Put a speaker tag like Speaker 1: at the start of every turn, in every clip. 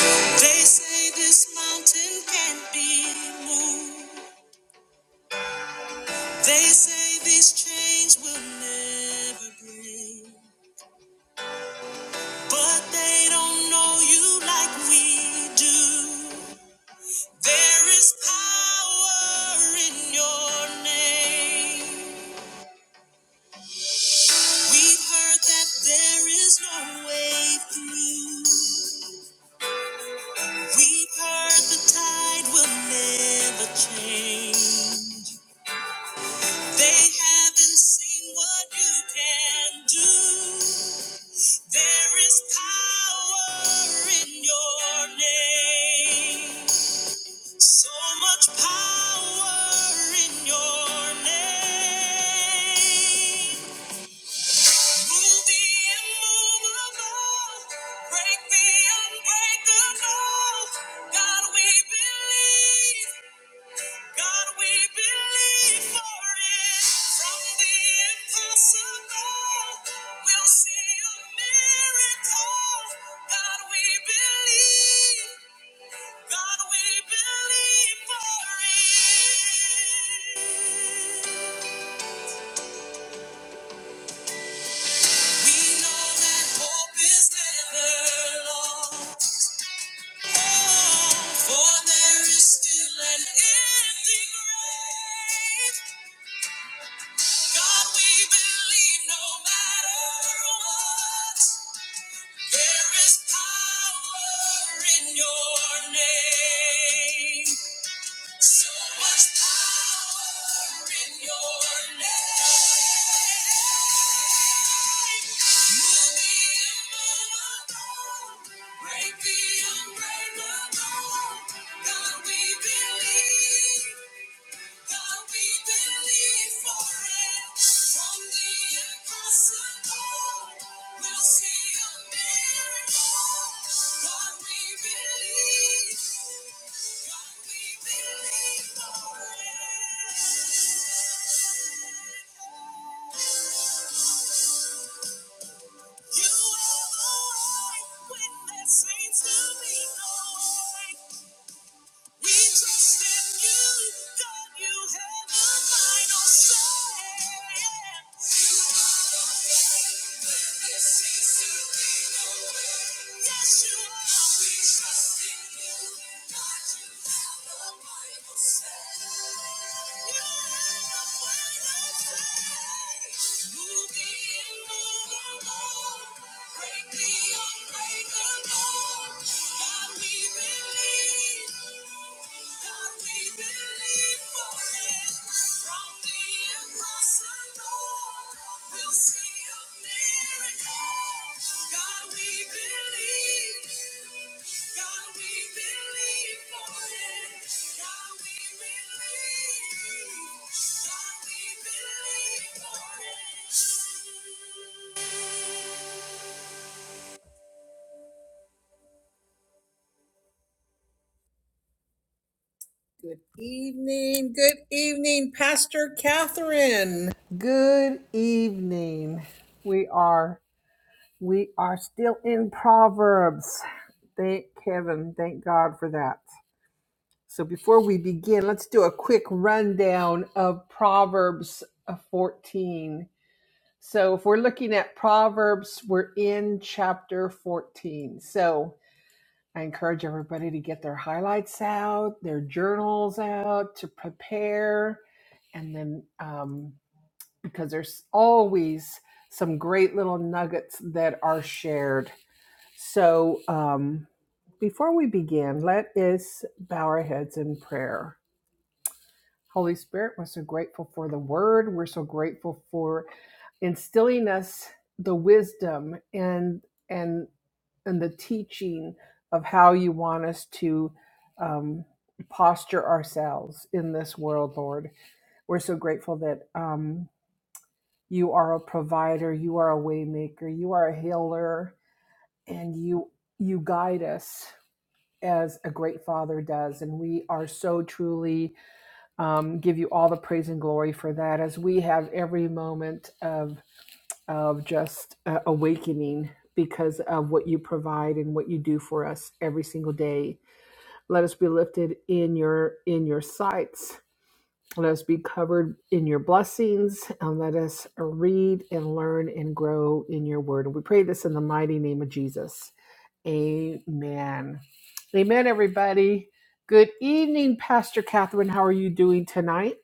Speaker 1: They say this mountain can't be moved. They say these chains will never break. But they don't know you like we do. There is power in your name. We've heard that there is no way through. We've heard the tide will never change. They haven't seen what you can do. There is power in your name. So much power in your name. Move the immovable. Break the unbreakable. God, we believe. God, we believe for it. From the impossible, we'll see a miracle. God, we believe. God, we believe for it. We know that hope is never lost. Oh, for there is still an empty grave. God, we believe no matter what. There is power in your name. So much power in your name. Move the immovable. Break the unbreakable. God, we believe. You are the one witness, saints to be known. We trust in you, God, you have the final say. You are the way, when there seems to be no way. Yes, you are. We trust in you, God, you have the final say. You have the final say. Moving in, moving on, break the unbreakable. Good evening. Good evening, Pastor Catherine. Good evening. We are we are still in Proverbs. Thank Kevin. Thank God for that. So before we begin, let's do a quick rundown of Proverbs uh, 14. So if we're looking at Proverbs, we're in chapter 14. So I encourage everybody to get their highlights out, their journals out, to prepare, and then um, because there's always some great little nuggets that are shared. So um, before we begin, let us bow our heads in prayer. Holy Spirit, we're so grateful for the word. We're so grateful for instilling us the wisdom and and and the teaching of how you want us to um, posture ourselves in this world, Lord. We're so grateful that um, you are a provider, you are a waymaker, you are a healer, and you you guide us as a great father does and we are so truly um, give you all the praise and glory for that as we have every moment of of just uh, awakening because of what you provide and what you do for us every single day. Let us be lifted in your in your sights. Let us be covered in your blessings and let us read and learn and grow in your word. And we pray this in the mighty name of Jesus. Amen. Amen, everybody. Good evening, Pastor Catherine. How are you doing tonight?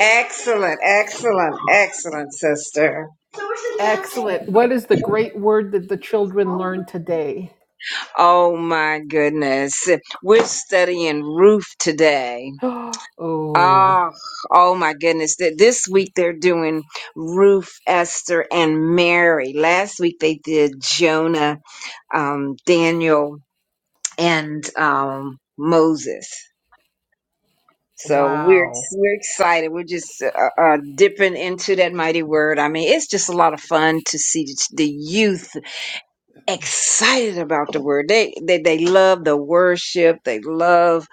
Speaker 2: Excellent, excellent, excellent, sister.
Speaker 1: Excellent. What is the great word that the children learned today?
Speaker 2: Oh my goodness. We're studying Ruth today.
Speaker 1: oh,
Speaker 2: Oh, oh my goodness. Th- This week they're doing Ruth, Esther, and Mary. Last week they did Jonah, um, Daniel, and um, Moses. So we're
Speaker 1: wow.
Speaker 2: we're excited. We're just uh, uh, dipping into that mighty word. I mean, it's just a lot of fun to see the the youth excited about the word. They they they love the worship. They love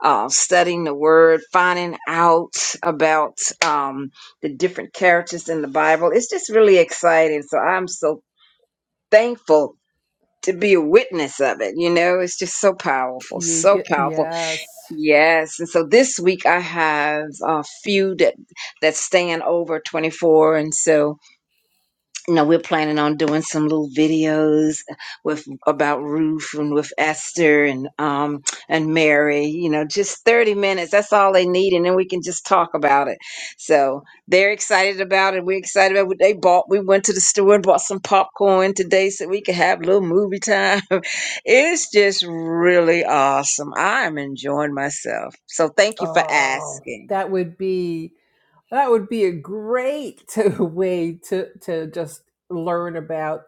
Speaker 2: uh, studying the word, finding out about um, the different characters in the Bible. It's just really exciting. So I'm so thankful to be a witness of it. You know, it's just so powerful,
Speaker 1: You
Speaker 2: so
Speaker 1: get,
Speaker 2: powerful
Speaker 1: yes.
Speaker 2: Yes, and so this week I have a few that that stand over 24, and so you know, we're planning on doing some little videos with about Ruth and with Esther and um and Mary, you know, just 30 minutes. That's all they need, and then we can just talk about it. So they're excited about it. We're excited about what they bought. We went to the store and bought some popcorn today so we could have a little movie time. It's just really awesome. I'm enjoying myself. So thank you for
Speaker 1: Oh,
Speaker 2: asking.
Speaker 1: that would be That would be a great to, way to to just learn about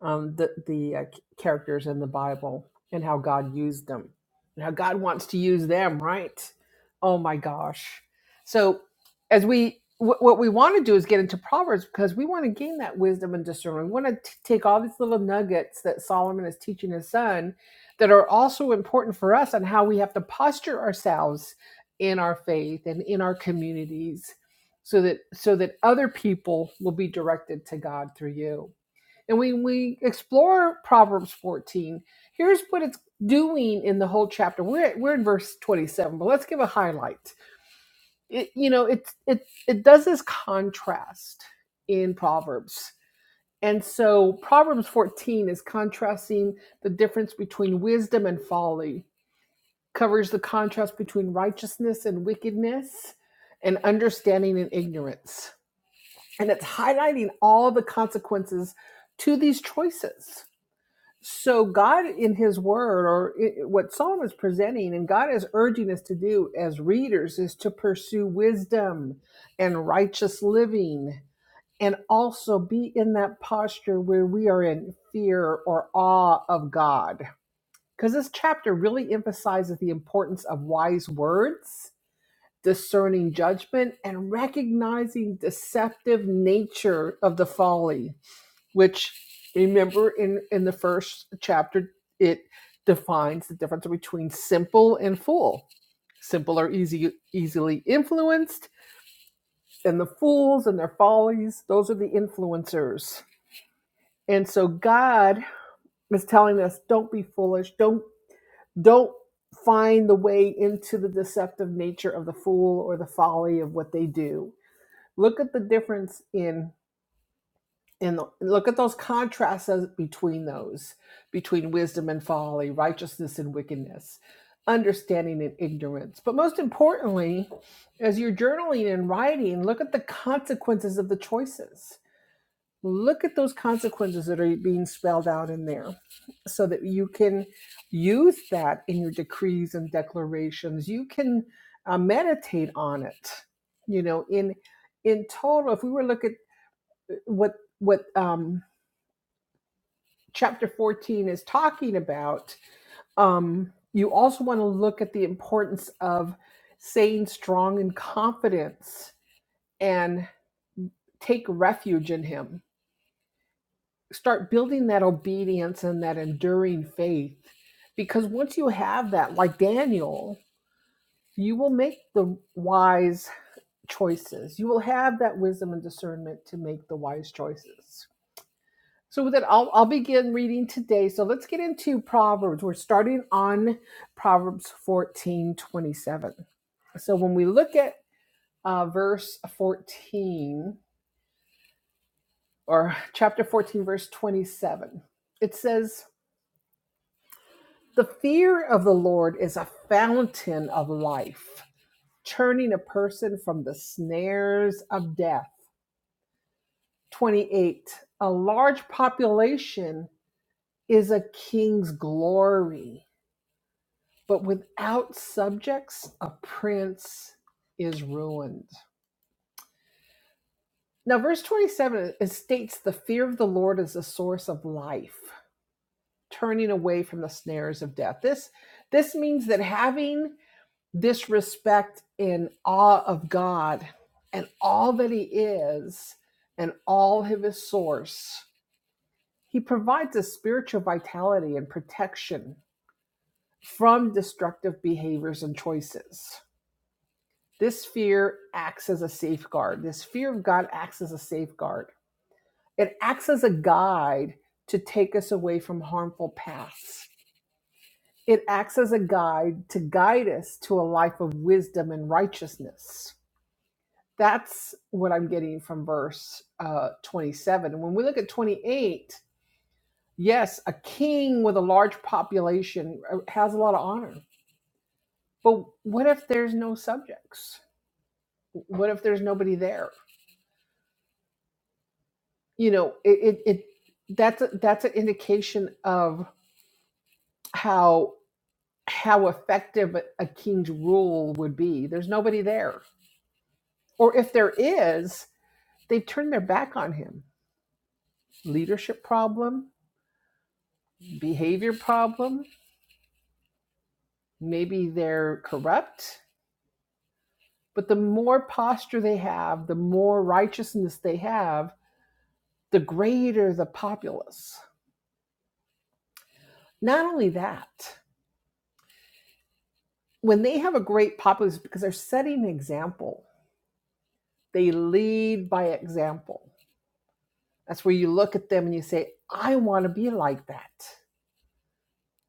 Speaker 1: um, the the uh, characters in the Bible and how God used them and how God wants to use them. Right? Oh my gosh! So as we wh- what we want to do is get into Proverbs because we want to gain that wisdom and discernment. We want to t- take all these little nuggets that Solomon is teaching his son that are also important for us on how we have to posture ourselves in our faith and in our communities so that so that other people will be directed to God through you. And when we explore Proverbs 14, here's what it's doing in the whole chapter. We're we're in verse 27, but let's give a highlight. It, you know, it it it does this contrast in Proverbs. And so Proverbs 14 is contrasting the difference between wisdom and folly, covers the contrast between righteousness and wickedness, and understanding and ignorance and it's highlighting all the consequences to these choices. So God in his word or i- what Solomon is presenting and God is urging us to do as readers is to pursue wisdom and righteous living and also be in that posture where we are in fear or awe of God. Cuz this chapter really emphasizes the importance of wise words discerning judgment and recognizing deceptive nature of the folly which remember in in the first chapter it defines the difference between simple and fool simple are easy easily influenced and the fools and their follies those are the influencers and so god is telling us don't be foolish don't don't find the way into the deceptive nature of the fool or the folly of what they do look at the difference in in the, look at those contrasts as- between those between wisdom and folly righteousness and wickedness understanding and ignorance but most importantly as you're journaling and writing look at the consequences of the choices look at those consequences that are being spelled out in there so that you can use that in your decrees and declarations you can uh, meditate on it you know in in total if we were looking what what um, chapter 14 is talking about um, you also want to look at the importance of staying strong in confidence and take refuge in him start building that obedience and that enduring faith because once you have that like daniel you will make the wise choices you will have that wisdom and discernment to make the wise choices So with it, I'll, I'll begin reading today. So let's get into Proverbs. We're starting on Proverbs 14 27. So when we look at uh, verse 14 or chapter 14, verse 27, it says, The fear of the Lord is a fountain of life, turning a person from the snares of death. 28. A large population is a king's glory But without subjects, a prince is ruined. Now, verse 27 states the fear of the Lord is a source of life, turning away from the snares of death. This this means that having this respect and awe of God and all that he is and all of his source, he provides a spiritual vitality and protection from destructive behaviors and choices. This fear acts as a safeguard. This fear of God acts as a safeguard. It acts as a guide to take us away from harmful paths. It acts as a guide to guide us to a life of wisdom and righteousness. That's what I'm getting from verse uh, 27. When we look at 28, yes, a king with a large population uh, has a lot of honor. But what if there's no subjects? What if there's nobody there? you know it, it, it that's a, that's an indication of how how effective a king's rule would be there's nobody there or if there is they've turned their back on him leadership problem behavior problem maybe they're corrupt but the more posture they have the more righteousness they have the greater the populace not only that when they have a great populace because they're setting an example They lead by example. That's where you look at them and you say, I want to be like that.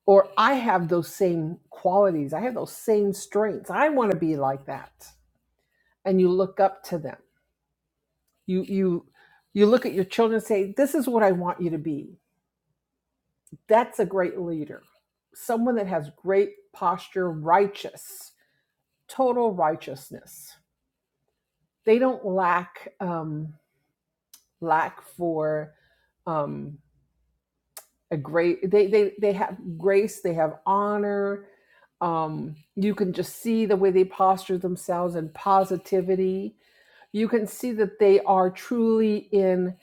Speaker 1: Or I have those same qualities. I have those same strengths. I want to be like that. And you look up to them. You you you look at your children and say, This is what I want you to be. That's a great leader. Someone that has great posture, righteous, total righteousness. They don't lack um, lack for um, a great they they they have grace they have honor um you can just see the way they posture themselves and positivity you can see that they are truly in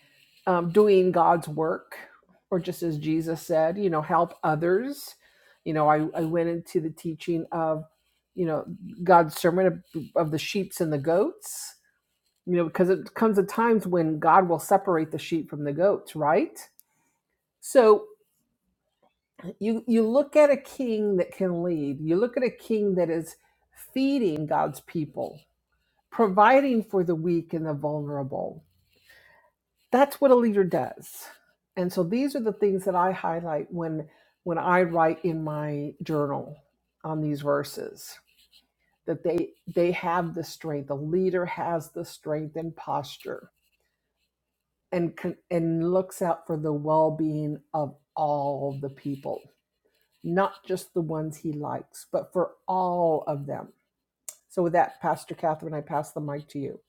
Speaker 1: um, doing god's work or just as jesus said you know help others you know i, I went into the teaching of you know god's sermon of, of the sheeps and the goats you know because it comes at times when god will separate the sheep from the goats right so you you look at a king that can lead you look at a king that is feeding god's people providing for the weak and the vulnerable that's what a leader does and so these are the things that i highlight when when i write in my journal on these verses that they they have the strength a leader has the strength and posture and con- and looks out for the well-being of all the people not just the ones he likes, but for all of them. So, with that, Pastor Catherine, I pass the mic to you.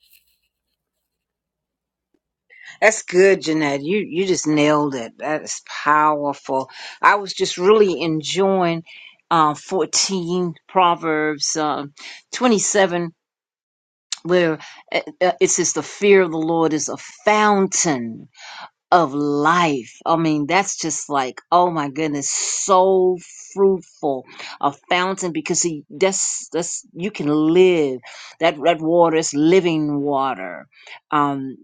Speaker 2: That's good, Jeanette. You you just nailed it. That is powerful. I was just really enjoying uh, 14 Proverbs um 27, where uh, uh, it says, The fear of the Lord is a fountain of life. I mean, that's just like, oh my goodness, so fruitful. A fountain because he, that's, that's, you can live. That, that water is living water. Um,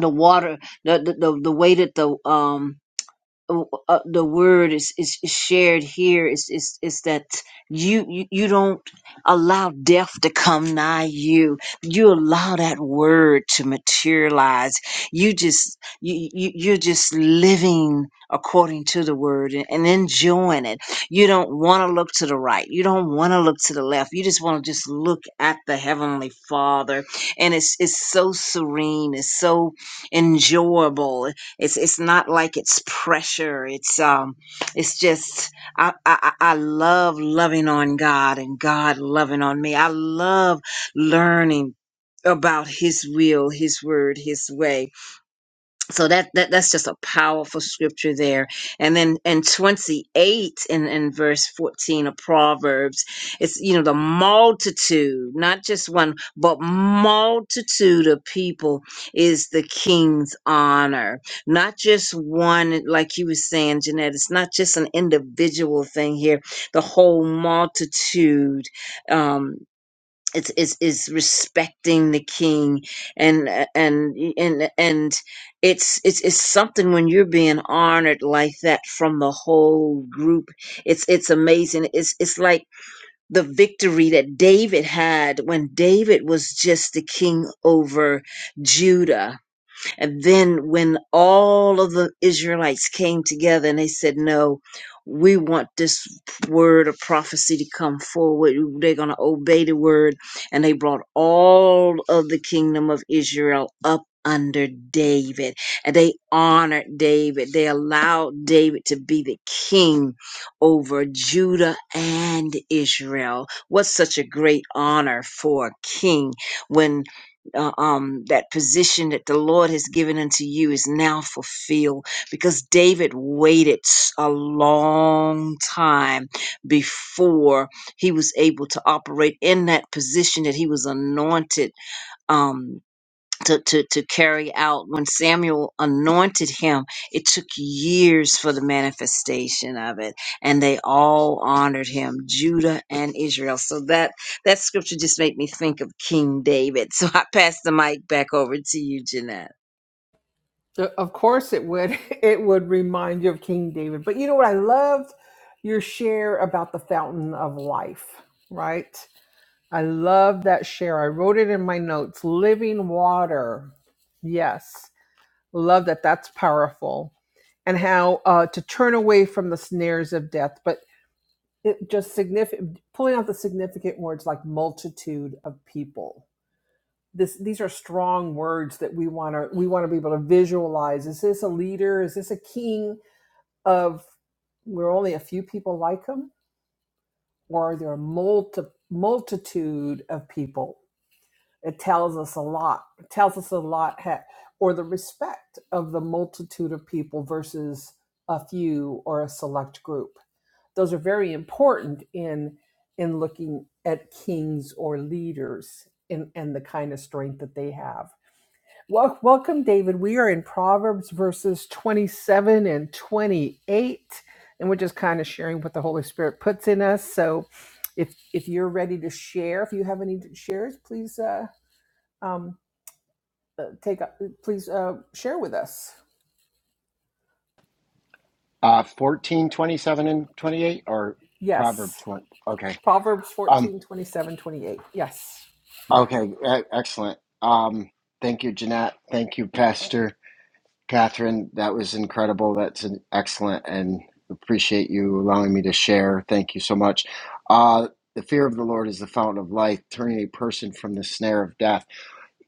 Speaker 2: the water the the, the, the way that the um uh, uh, the word is, is is shared here is is is that you, you you don't allow death to come nigh you. You allow that word to materialize. You just you, you you're just living according to the word and, and enjoying it. You don't want to look to the right. You don't want to look to the left. You just want to just look at the heavenly Father, and it's it's so serene. It's so enjoyable it's it's not like it's pressure. It's um, it's just I I, I I love loving on God and God loving on me. I love learning about His will, His word, His way so that, that that's just a powerful scripture there and then in 28 and in verse 14 of proverbs it's you know the multitude not just one but multitude of people is the king's honor not just one like you were saying jeanette it's not just an individual thing here the whole multitude um it's is is respecting the king and and and and it's it's it's something when you're being honored like that from the whole group it's it's amazing it's it's like the victory that David had when David was just the king over Judah and then when all of the Israelites came together and they said, No, we want this word of prophecy to come forward. They're going to obey the word. And they brought all of the kingdom of Israel up under David. And they honored David. They allowed David to be the king over Judah and Israel. What such a great honor for a king when uh, um, that position that the Lord has given unto you is now fulfilled because David waited a long time before he was able to operate in that position that he was anointed. Um, to, to, to carry out when Samuel anointed him, it took years for the manifestation of it. And they all honored him, Judah and Israel. So that, that scripture just made me think of King David. So I pass the mic back over to you, Jeanette.
Speaker 1: Uh, Of course it would. It would remind you of King David. But you know what I loved? Your share about the fountain of life, right? I love that share. I wrote it in my notes. Living water. Yes. Love that. That's powerful. And how uh, to turn away from the snares of death, but it just significant pulling out the significant words like multitude of people this these are strong words that we want to we want to be able to visualize is this a leader is this a king of We're only a few people like him or are there a multi, multitude of people it tells us a lot it tells us a lot or the respect of the multitude of people versus a few or a select group those are very important in in looking at kings or leaders and and the kind of strength that they have well, welcome, David. We are in Proverbs verses 27 and 28, and we're just kind of sharing what the Holy Spirit puts in us. So, if if you're ready to share, if you have any shares, please uh, um, uh, take up, please uh, share with us.
Speaker 3: Uh, 14, 27, and 28, or Proverb
Speaker 1: Yes,
Speaker 3: 20. Okay.
Speaker 1: Proverbs
Speaker 3: Um,
Speaker 1: 14 27 28. Yes.
Speaker 3: okay. E- excellent. Um, thank you, Jeanette. Thank you, Pastor Catherine. That was incredible. That's an excellent and appreciate you allowing me to share. Thank you so much. Uh, the fear of the Lord is the fountain of life, turning a person from the snare of death.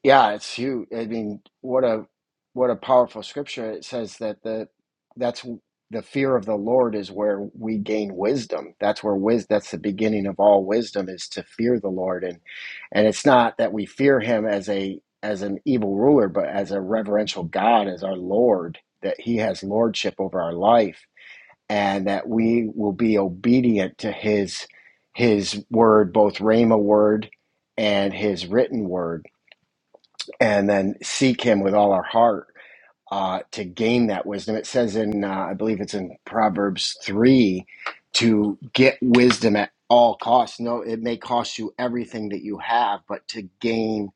Speaker 3: Yeah, it's huge. I mean, what a what a powerful scripture. It says that the that's the fear of the Lord is where we gain wisdom. That's where wis that's the beginning of all wisdom is to fear the Lord and and it's not that we fear him as a as an evil ruler, but as a reverential God, as our Lord, that he has lordship over our life and that we will be obedient to his his word, both Rhema word and his written word and then seek him with all our heart uh, to gain that wisdom. It says in, uh, I believe it's in Proverbs 3, to get wisdom at all costs. No, it may cost you everything that you have, but to gain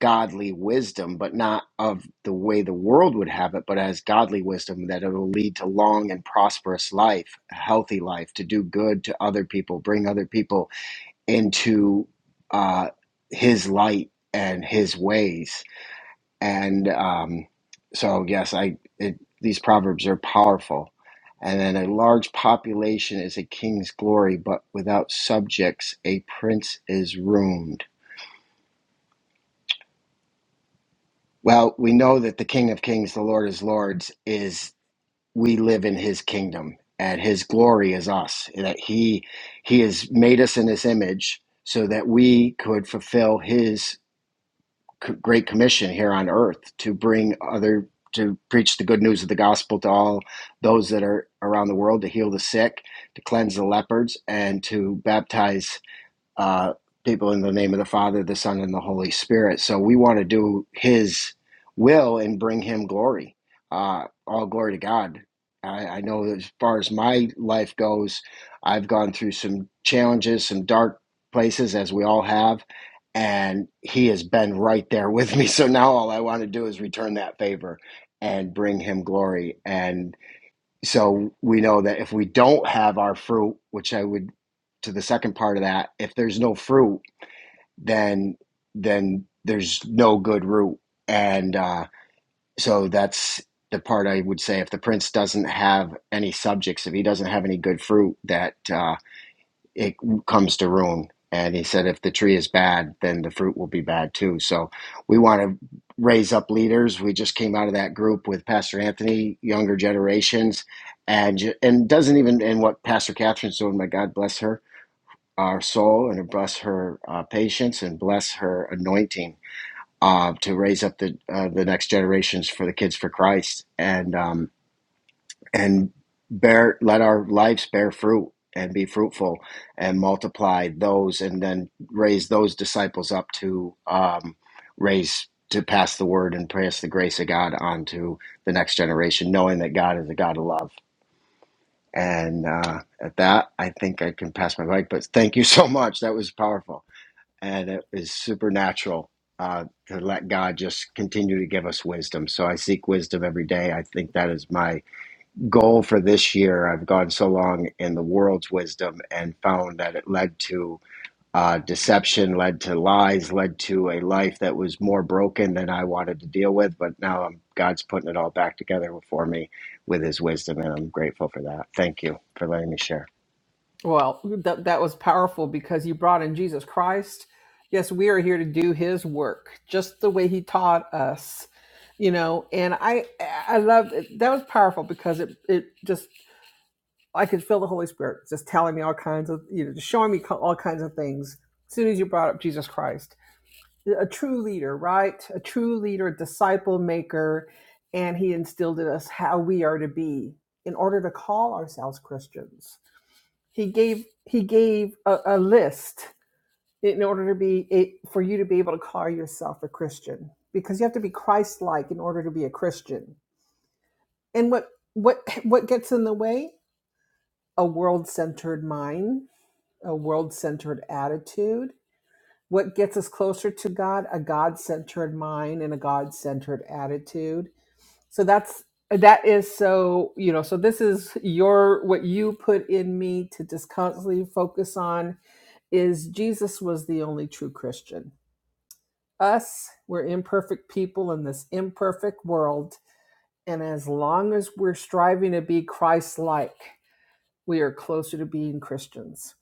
Speaker 3: godly wisdom, but not of the way the world would have it, but as godly wisdom that it will lead to long and prosperous life, a healthy life, to do good to other people, bring other people into uh, his light and his ways and um, so yes, I it, these proverbs are powerful. And then a large population is a king's glory, but without subjects, a prince is ruined. Well, we know that the King of Kings, the Lord is Lords, is we live in His kingdom, and His glory is us. That He He has made us in His image, so that we could fulfill His c- great commission here on earth to bring other to preach the good news of the gospel to all those that are around the world to heal the sick to cleanse the lepers, and to baptize uh, people in the name of the Father, the Son, and the Holy Spirit. So we want to do His will and bring Him glory. Uh, all glory to God. I, I know as far as my life goes, I've gone through some challenges, some dark places, as we all have, and He has been right there with me. So now all I want to do is return that favor and bring Him glory. And so we know that if we don't have our fruit which i would to the second part of that if there's no fruit then then there's no good root and uh, so that's the part i would say if the prince doesn't have any subjects if he doesn't have any good fruit that uh, it comes to ruin. And he said, if the tree is bad, then the fruit will be bad too. So we want to raise up leaders. We just came out of that group with Pastor Anthony, younger generations, and and doesn't even and what Pastor Catherine's doing. My God bless her, our soul, and bless her uh, patience and bless her anointing uh, to raise up the uh, the next generations for the kids for Christ. And um, and bear let our lives bear fruit and be fruitful and multiply those and then raise those disciples up to um, raise to pass the word and pass the grace of god on to the next generation knowing that god is a god of love and uh, at that i think i can pass my mic but thank you so much that was powerful and it was supernatural uh, to let god just continue to give us wisdom so i seek wisdom every day i think that is my goal for this year. I've gone so long in the world's wisdom and found that it led to uh, deception, led to lies, led to a life that was more broken than I wanted to deal with. But now I'm, God's putting it all back together for me with His wisdom, and I'm grateful for that. Thank you for letting me share.
Speaker 1: Well, that that was powerful because you brought in Jesus Christ. Yes, we are here to do His work, just the way He taught us, you know. And I I love it. that was powerful because it it just I could feel the Holy Spirit just telling me all kinds of you know just showing me co- all kinds of things. As soon as you brought up Jesus Christ, a true leader, right? A true leader, a disciple maker, and He instilled in us how we are to be in order to call ourselves Christians he gave he gave a, a list in order to be a, for you to be able to call yourself a christian because you have to be christ-like in order to be a christian and what what what gets in the way a world-centered mind a world-centered attitude what gets us closer to god a god-centered mind and a god-centered attitude so that's that is so you know so this is your what you put in me to just constantly focus on is Jesus was the only true Christian. Us, we're imperfect people in this imperfect world. And as long as we're striving to be Christ like, we are closer to being Christians.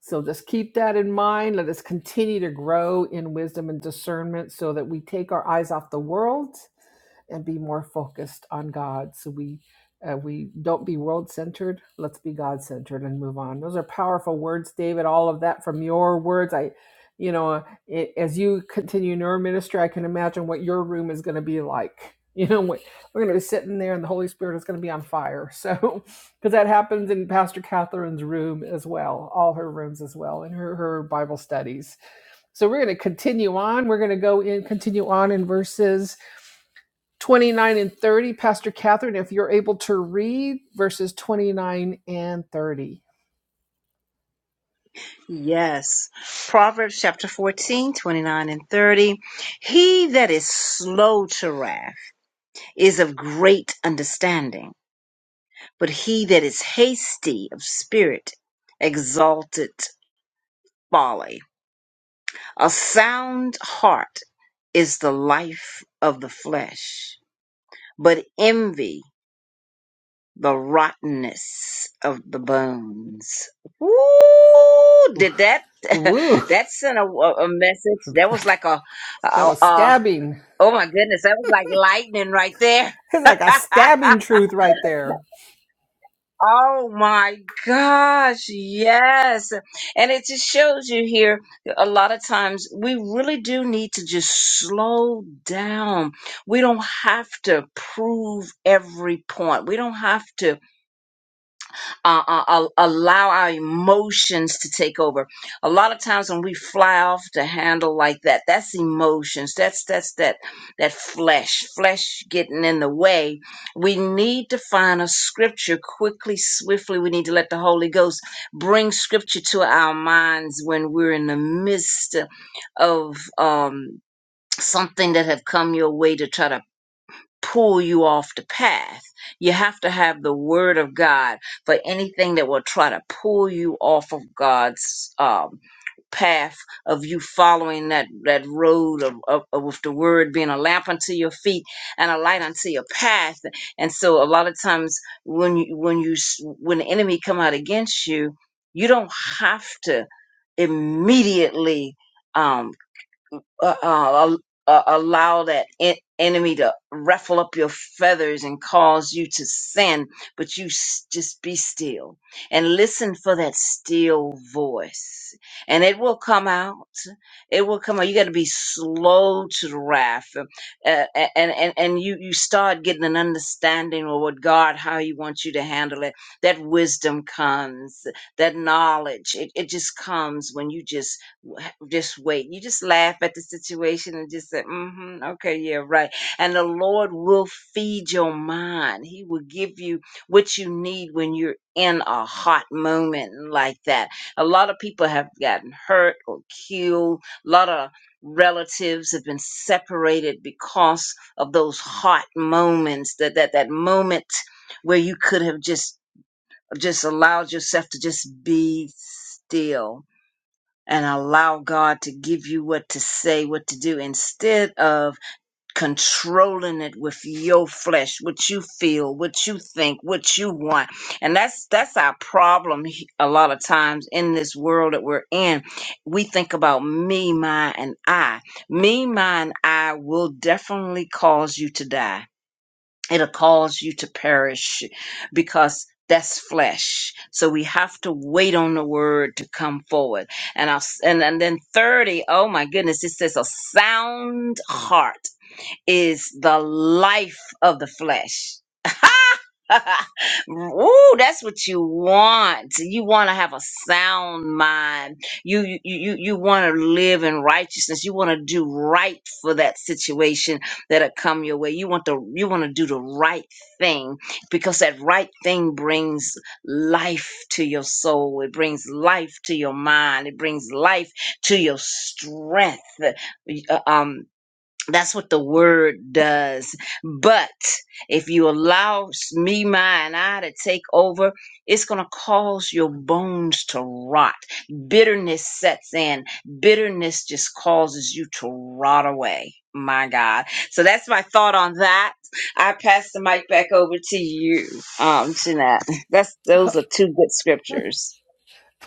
Speaker 1: So just keep that in mind. Let us continue to grow in wisdom and discernment so that we take our eyes off the world and be more focused on God. So we uh, we don't be world centered. Let's be God centered and move on. Those are powerful words, David. All of that from your words. I, you know, uh, it, as you continue in your ministry, I can imagine what your room is going to be like. You know, what- we're going to be sitting there, and the Holy Spirit is going to be on fire. So, because that happens in Pastor Catherine's room as well, all her rooms as well, in her her Bible studies. So we're going to continue on. We're going to go in, continue on in verses. 29 and 30, Pastor Catherine, if you're able to read verses 29 and 30.
Speaker 2: Yes. Proverbs chapter 14, 29 and 30. He that is slow to wrath is of great understanding, but he that is hasty of spirit exalted. folly. A sound heart is the life of the flesh, but envy the rottenness of the bones. Ooh, Did that
Speaker 1: Woo!
Speaker 2: that sent a, a a message? That was like a,
Speaker 1: That
Speaker 2: a,
Speaker 1: was
Speaker 2: a
Speaker 1: stabbing.
Speaker 2: oh my goodness, that was like lightning right there.
Speaker 1: It's like a stabbing truth right there.
Speaker 2: Oh my gosh, yes. And it just shows you here a lot of times we really do need to just slow down. We don't have to prove every point. We don't have to uh, uh, uh, allow our emotions to take over. A lot of times when we fly off the handle like that, that's emotions. That's that's that that flesh, flesh getting in the way. We need to find a scripture quickly, swiftly. We need to let the Holy Ghost bring scripture to our minds when we're in the midst of um, something that have come your way to try to pull you off the path. You have to have the word of God for anything that will try to pull you off of God's um, path of you following that that road of, of, of with the word being a lamp unto your feet and a light unto your path and so a lot of times when you when you s- when the enemy come out against you you don't have to immediately um, uh, uh, uh, allow that en- enemy to ruffle up your feathers and cause you to sin, but you s- just be still and listen for that still voice, and it will come out. It will come out. You got to be slow to the wrath, uh, a- and and and you you start getting an understanding of what God how He wants you to handle it. That wisdom comes, that knowledge. It it just comes when you just w- just wait. You just laugh at the situation and just say, mm-hmm, okay, yeah, right. And the Lord will feed your mind. He will give you what you need when you're in a hot moment like that. A lot of people have gotten hurt or killed. A lot of relatives have been separated because of those hot moments, that that, that moment where you could have just just allowed yourself to just be still and allow God to give you what to say, what to do, instead of controlling it with your flesh, what you feel, what you think, what you want. And that's that's our problem he- a lot of times in this world that we're in. We think about me, my, and I. Me, my, and I will definitely cause you to die it'll cause you to perish because that's flesh. So we have to wait on the word to come forward. And I'll, and, and then 30, oh my goodness, it says a sound heart is the life of the flesh. Ooh, that's what you want. You want to have a sound mind. You you you, you want to live in righteousness. You want to do right for that situation that'll come your way. You want the you want to do the right thing because that right thing brings life to your soul. It brings life to your mind. It brings life to your strength. Uh, Um, that's what the word does. But if you allow s- me, my, and I to take over, it's going to cause your bones to rot. Bitterness sets in. Bitterness just causes you to rot away. My God. So that's my thought on that. I pass the mic back over to you, um, Jeanette. That's, those are two good scriptures.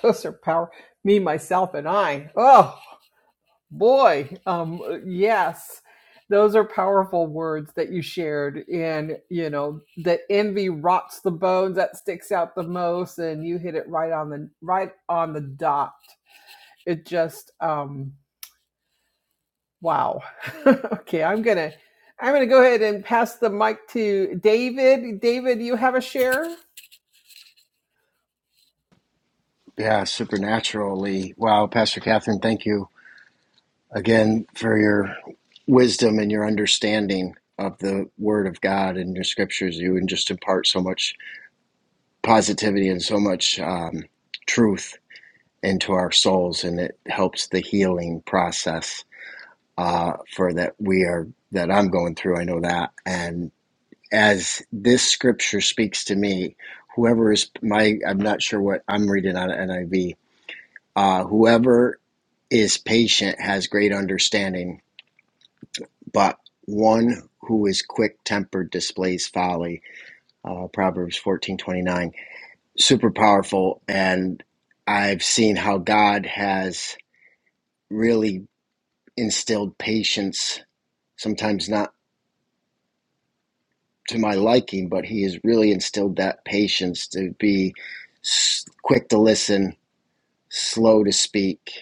Speaker 1: Those are power. Me, myself, and I. Oh. Boy, um, uh, yes, those are powerful words that you shared. And, you know, that envy rots the bones, that sticks out the most, and you hit it right on the right on the dot. It just um Wow. okay, I'm gonna I'm gonna go ahead and pass the mic to David. David, you have a share?
Speaker 3: Yeah, supernaturally. Wow, Pastor Catherine, thank you again for your wisdom and your understanding of the Word of God and your scriptures. You and just impart so much positivity and so much um, truth into our souls, and it helps the healing process uh, for that we are that I'm going through. I know that, and as this scripture speaks to me, whoever is my I'm not sure what I'm reading on NIV. Uh, whoever is patient has great understanding, but one who is quick tempered displays folly. Uh, Proverbs fourteen twenty nine super powerful and i've seen how god has really instilled patience sometimes not to my liking but he has really instilled that patience to be s- quick to listen slow to speak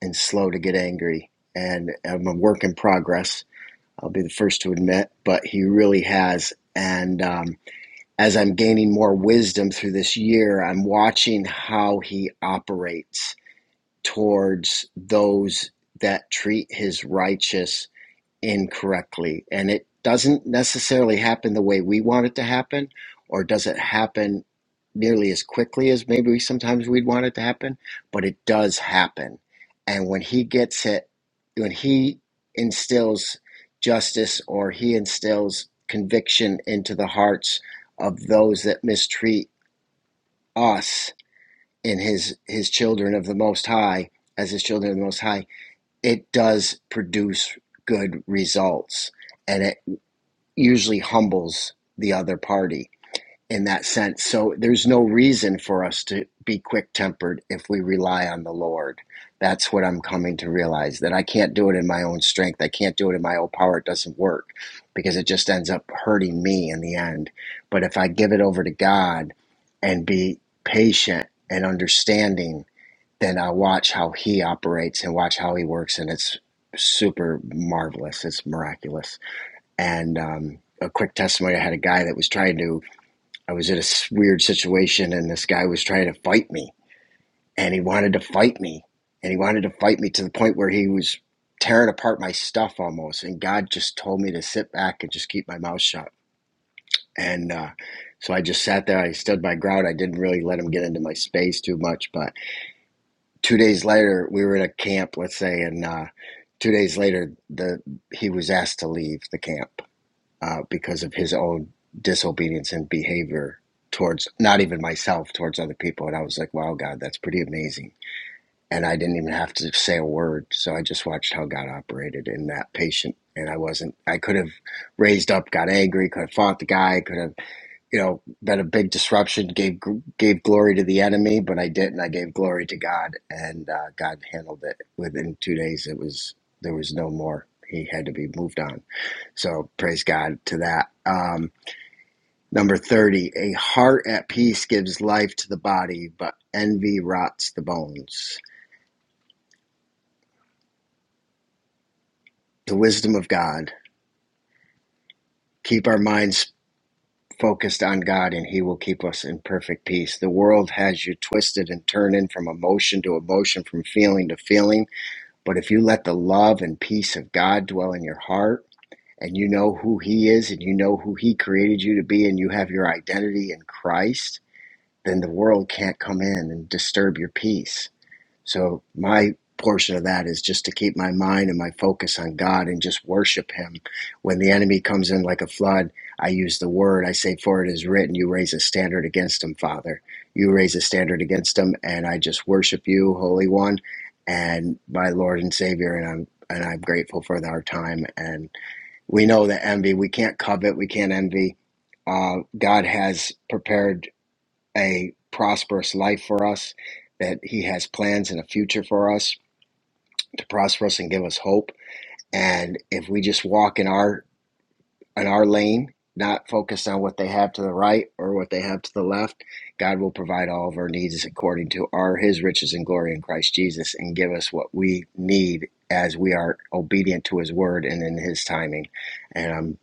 Speaker 3: and slow to get angry and i'm a work in progress i'll be the first to admit but he really has and um, as i'm gaining more wisdom through this year i'm watching how he operates towards those that treat his righteous incorrectly. And it doesn't necessarily happen the way we want it to happen, or does it happen nearly as quickly as maybe we, sometimes we'd want it to happen, but it does happen. And when he gets it, when he instills justice or he instills conviction into the hearts of those that mistreat us, in his his children of the most high as his children of the most high it does produce good results and it usually humbles the other party in that sense so there's no reason for us to be quick tempered if we rely on the lord that's what i'm coming to realize that i can't do it in my own strength i can't do it in my own power it doesn't work because it just ends up hurting me in the end but if i give it over to god and be patient and understanding and I watch how he operates and watch how he works, and it's super marvelous. It's miraculous. And um, a quick testimony: I had a guy that was trying to. I was in a weird situation, and this guy was trying to fight me, and he wanted to fight me, and he wanted to fight me to the point where he was tearing apart my stuff almost. And God just told me to sit back and just keep my mouth shut. And uh, so I just sat there. I stood my ground. I didn't really let him get into my space too much, but two days later we were in a camp let's say and uh, two days later the he was asked to leave the camp uh, because of his own disobedience and behavior towards not even myself towards other people and i was like wow god that's pretty amazing and i didn't even have to say a word so i just watched how god operated in that patient and i wasn't i could have raised up got angry could have fought the guy could have you know been a big disruption gave gave glory to the enemy but i didn't i gave glory to god and uh, god handled it within two days it was there was no more he had to be moved on so praise god to that um, number 30 a heart at peace gives life to the body but envy rots the bones the wisdom of god keep our minds focused on god and he will keep us in perfect peace the world has you twisted and turning from emotion to emotion from feeling to feeling But if you let the love and peace of God dwell in your heart, and you know who He is, and you know who He created you to be, and you have your identity in Christ, then the world can't come in and disturb your peace. So my portion of that is just to keep my mind and my focus on God and just worship Him. When the enemy comes in like a flood, I use the word. I say, "For it is written, you raise a standard against him, Father. You raise a standard against him, and I just worship you, Holy One, and my Lord and Savior." And I'm and I'm grateful for our time. And we know that envy, we can't covet, we can't envy. Uh, God has prepared a prosperous life for us, that He has plans and a future for us to prosper us and give us hope. And if we just walk in our in our lane, not focused on what they have to the right or what they have to the left, God will provide all of our needs according to our His riches and glory in Christ Jesus, and give us what we need as we are obedient to His word and in His timing. And I'm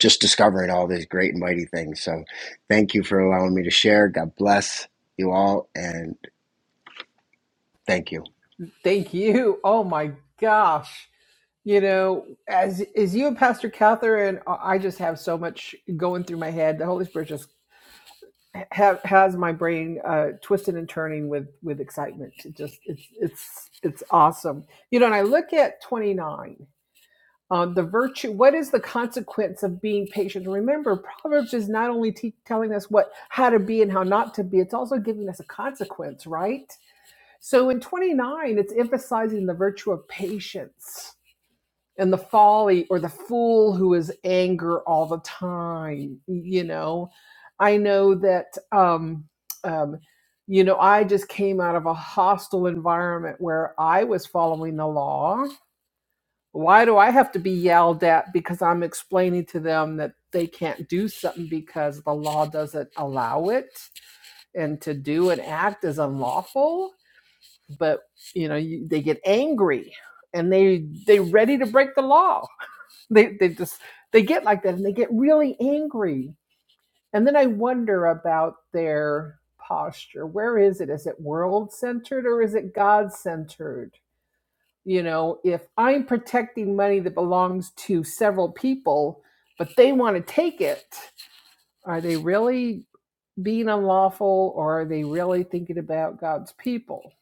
Speaker 3: just discovering all these great and mighty things. So, thank you for allowing me to share. God bless you all, and Thank you.
Speaker 1: Thank you. Oh my gosh. You know, as as you and Pastor Catherine, uh, I just have so much going through my head. The Holy Spirit just ha- has my brain uh, twisted and turning with with excitement. It just it's it's it's awesome. You know, and I look at twenty nine. Um, the virtue. What is the consequence of being patient? Remember, Proverbs is not only te- telling us what how to be and how not to be. It's also giving us a consequence, right? So in 29, it's emphasizing the virtue of patience and the folly or the fool who is anger all the time. You know, I know that, um, um, you know, I just came out of a hostile environment where I was following the law. Why do I have to be yelled at because I'm explaining to them that they can't do something because the law doesn't allow it and to do and act is unlawful? but you know you, they get angry and they they are ready to break the law they they just they get like that and they get really angry and then i wonder about their posture where is it is it world centered or is it god centered you know if i'm protecting money that belongs to several people but they want to take it are they really being unlawful or are they really thinking about god's people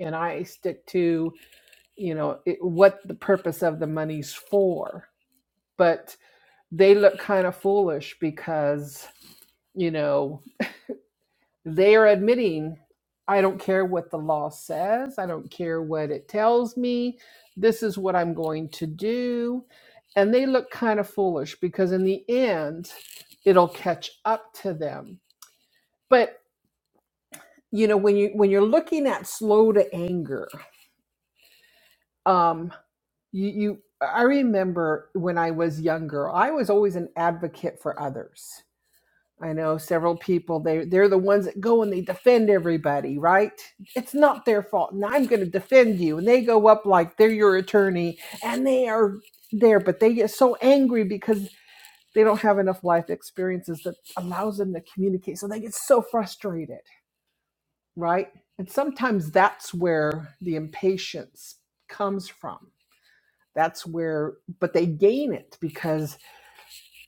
Speaker 1: and i stick to you know it, what the purpose of the money's for but they look kind of foolish because you know they are admitting i don't care what the law says i don't care what it tells me this is what i'm going to do and they look kind of foolish because in the end it'll catch up to them but you know when you when you're looking at slow to anger um. you, you i remember when i was younger i was always an advocate for others i know several people they they're the ones that go and they defend everybody right it's not their fault and i'm going to defend you and they go up like they're your attorney and they are there but they get so angry because they don't have enough life experiences that allows them to communicate so they get so frustrated right and sometimes that's where the impatience comes from that's where but they gain it because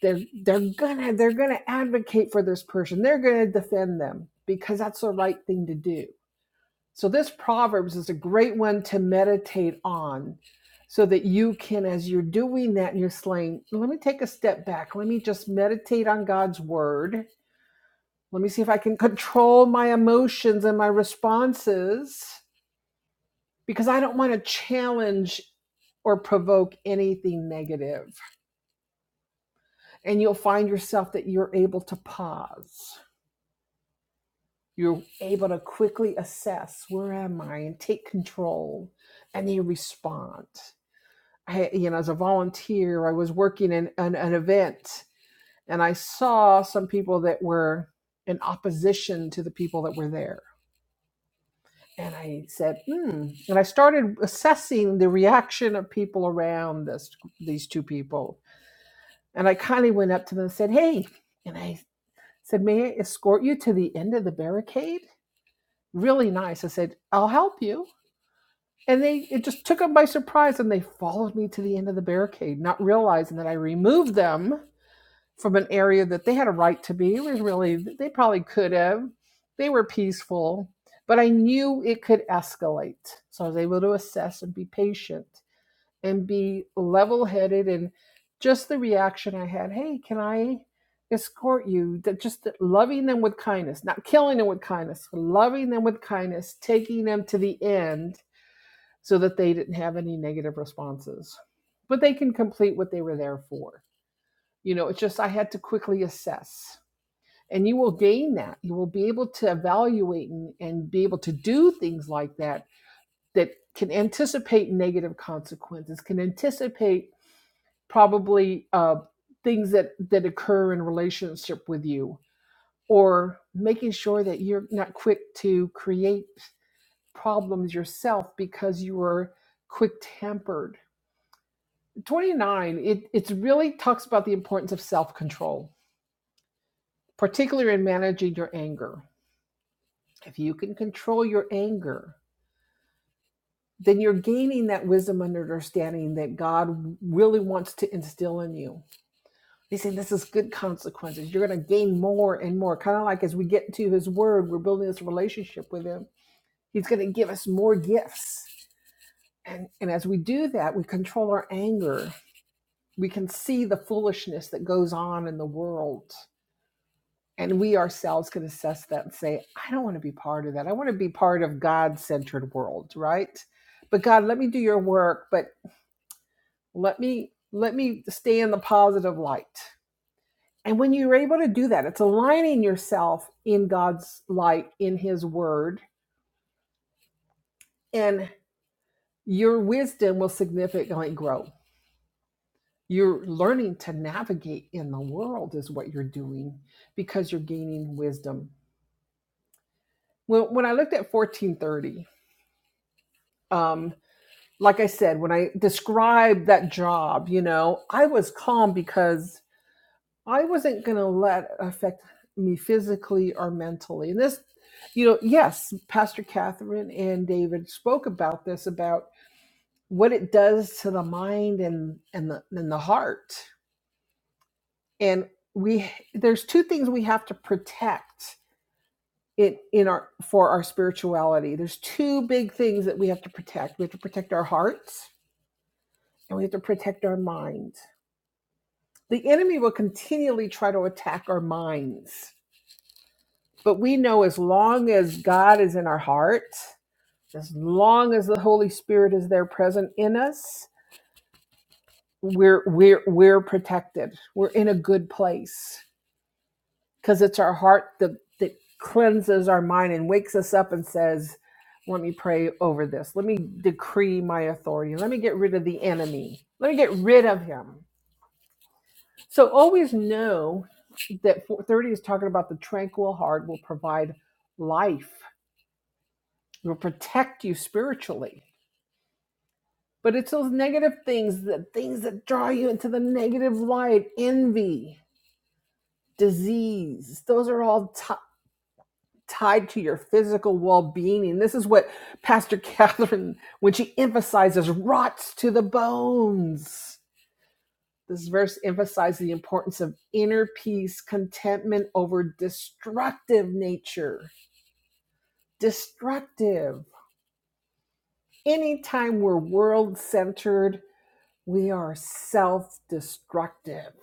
Speaker 1: they're they're gonna they're gonna advocate for this person they're gonna defend them because that's the right thing to do so this proverbs is a great one to meditate on so that you can as you're doing that and you're saying let me take a step back let me just meditate on god's word let me see if i can control my emotions and my responses because i don't want to challenge or provoke anything negative and you'll find yourself that you're able to pause. You're able to quickly assess where am I and take control, and then respond. I, you know, as a volunteer, I was working in an, an event, and I saw some people that were in opposition to the people that were there. And I said, hmm. And I started assessing the reaction of people around this, these two people. And I kindly went up to them and said, hey. And I said, May I escort you to the end of the barricade? Really nice. I said, I'll help you. And they it just took them by surprise and they followed me to the end of the barricade, not realizing that I removed them from an area that they had a right to be. It was really they probably could have. They were peaceful, but I knew it could escalate. So I was able to assess and be patient and be level headed and just the reaction I had, hey, can I escort you? just loving them with kindness, not killing them with kindness, loving them with kindness, taking them to the end so that they didn't have any negative responses. But they can complete what they were there for. You know, it's just I had to quickly assess. And you will gain that. You will be able to evaluate and, and be able to do things like that that can anticipate negative consequences, can anticipate probably uh, things that that occur in relationship with you or making sure that you're not quick to create problems yourself because you are quick tempered 29 it it's really talks about the importance of self control particularly in managing your anger if you can control your anger then you're gaining that wisdom and understanding that god really wants to instill in you He's saying This is good consequences. You're going to gain more and more. Kind of like as we get to His Word, we're building this relationship with Him. He's going to give us more gifts. And, and as we do that, we control our anger. We can see the foolishness that goes on in the world. And we ourselves can assess that and say, I don't want to be part of that. I want to be part of God centered world, right? But God, let me do your work, but let me let me stay in the positive light And when you're able to do that, it's aligning yourself in God's light, in His Word, and your wisdom will significantly grow. You're learning to navigate in the world, is what you're doing because you're gaining wisdom. When, when I looked at 1430, um, like I said, when I described that job, you know, I was calm because I wasn't going to let it affect me physically or mentally. And this, you know, yes, Pastor Catherine and David spoke about this about what it does to the mind and and the and the heart. And we there's two things we have to protect in in our for our spirituality. There's two big things that we have to protect. We have to protect our hearts and we have to protect our mind. The enemy will continually try to attack our minds But we know as long as God is in our heart, as long as the Holy Spirit is there present in us, we're we're we're protected. We're in a good place because it's our heart that that cleanses our mind and wakes us up and says, "Let me pray over this. Let me decree my authority. Let me get rid of the enemy. Let me get rid of him." So always know that 430 is talking about the tranquil heart will provide life He will protect you spiritually. But it's those negative things, the things that draw you into the negative light, envy, disease. Those are all ti- tied to your physical well-being. And this is what Pastor Catherine, when she emphasizes, rots to the bones. This verse emphasizes the importance of inner peace, contentment over destructive nature. Destructive. Anytime we're world centered, We are self destructive.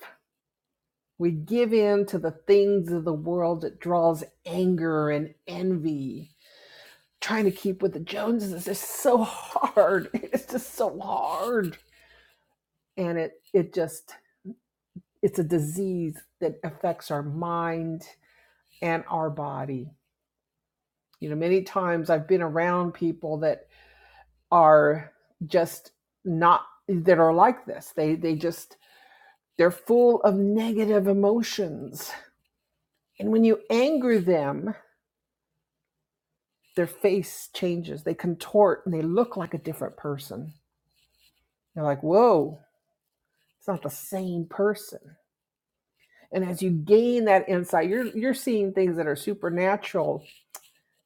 Speaker 1: We give in to the things of the world that draws anger and envy. Trying to keep with the Joneses is just so hard. It's just so hard. And it, it just, it's a disease that affects our mind and our body. You know, many times I've been around people that are just not, that are like this. They, they just, they're full of negative emotions And when you anger them, their face changes. They contort and they look like a different person. they are like, whoa, it's not the same person. And as you gain that insight, you're you're seeing things that are supernatural.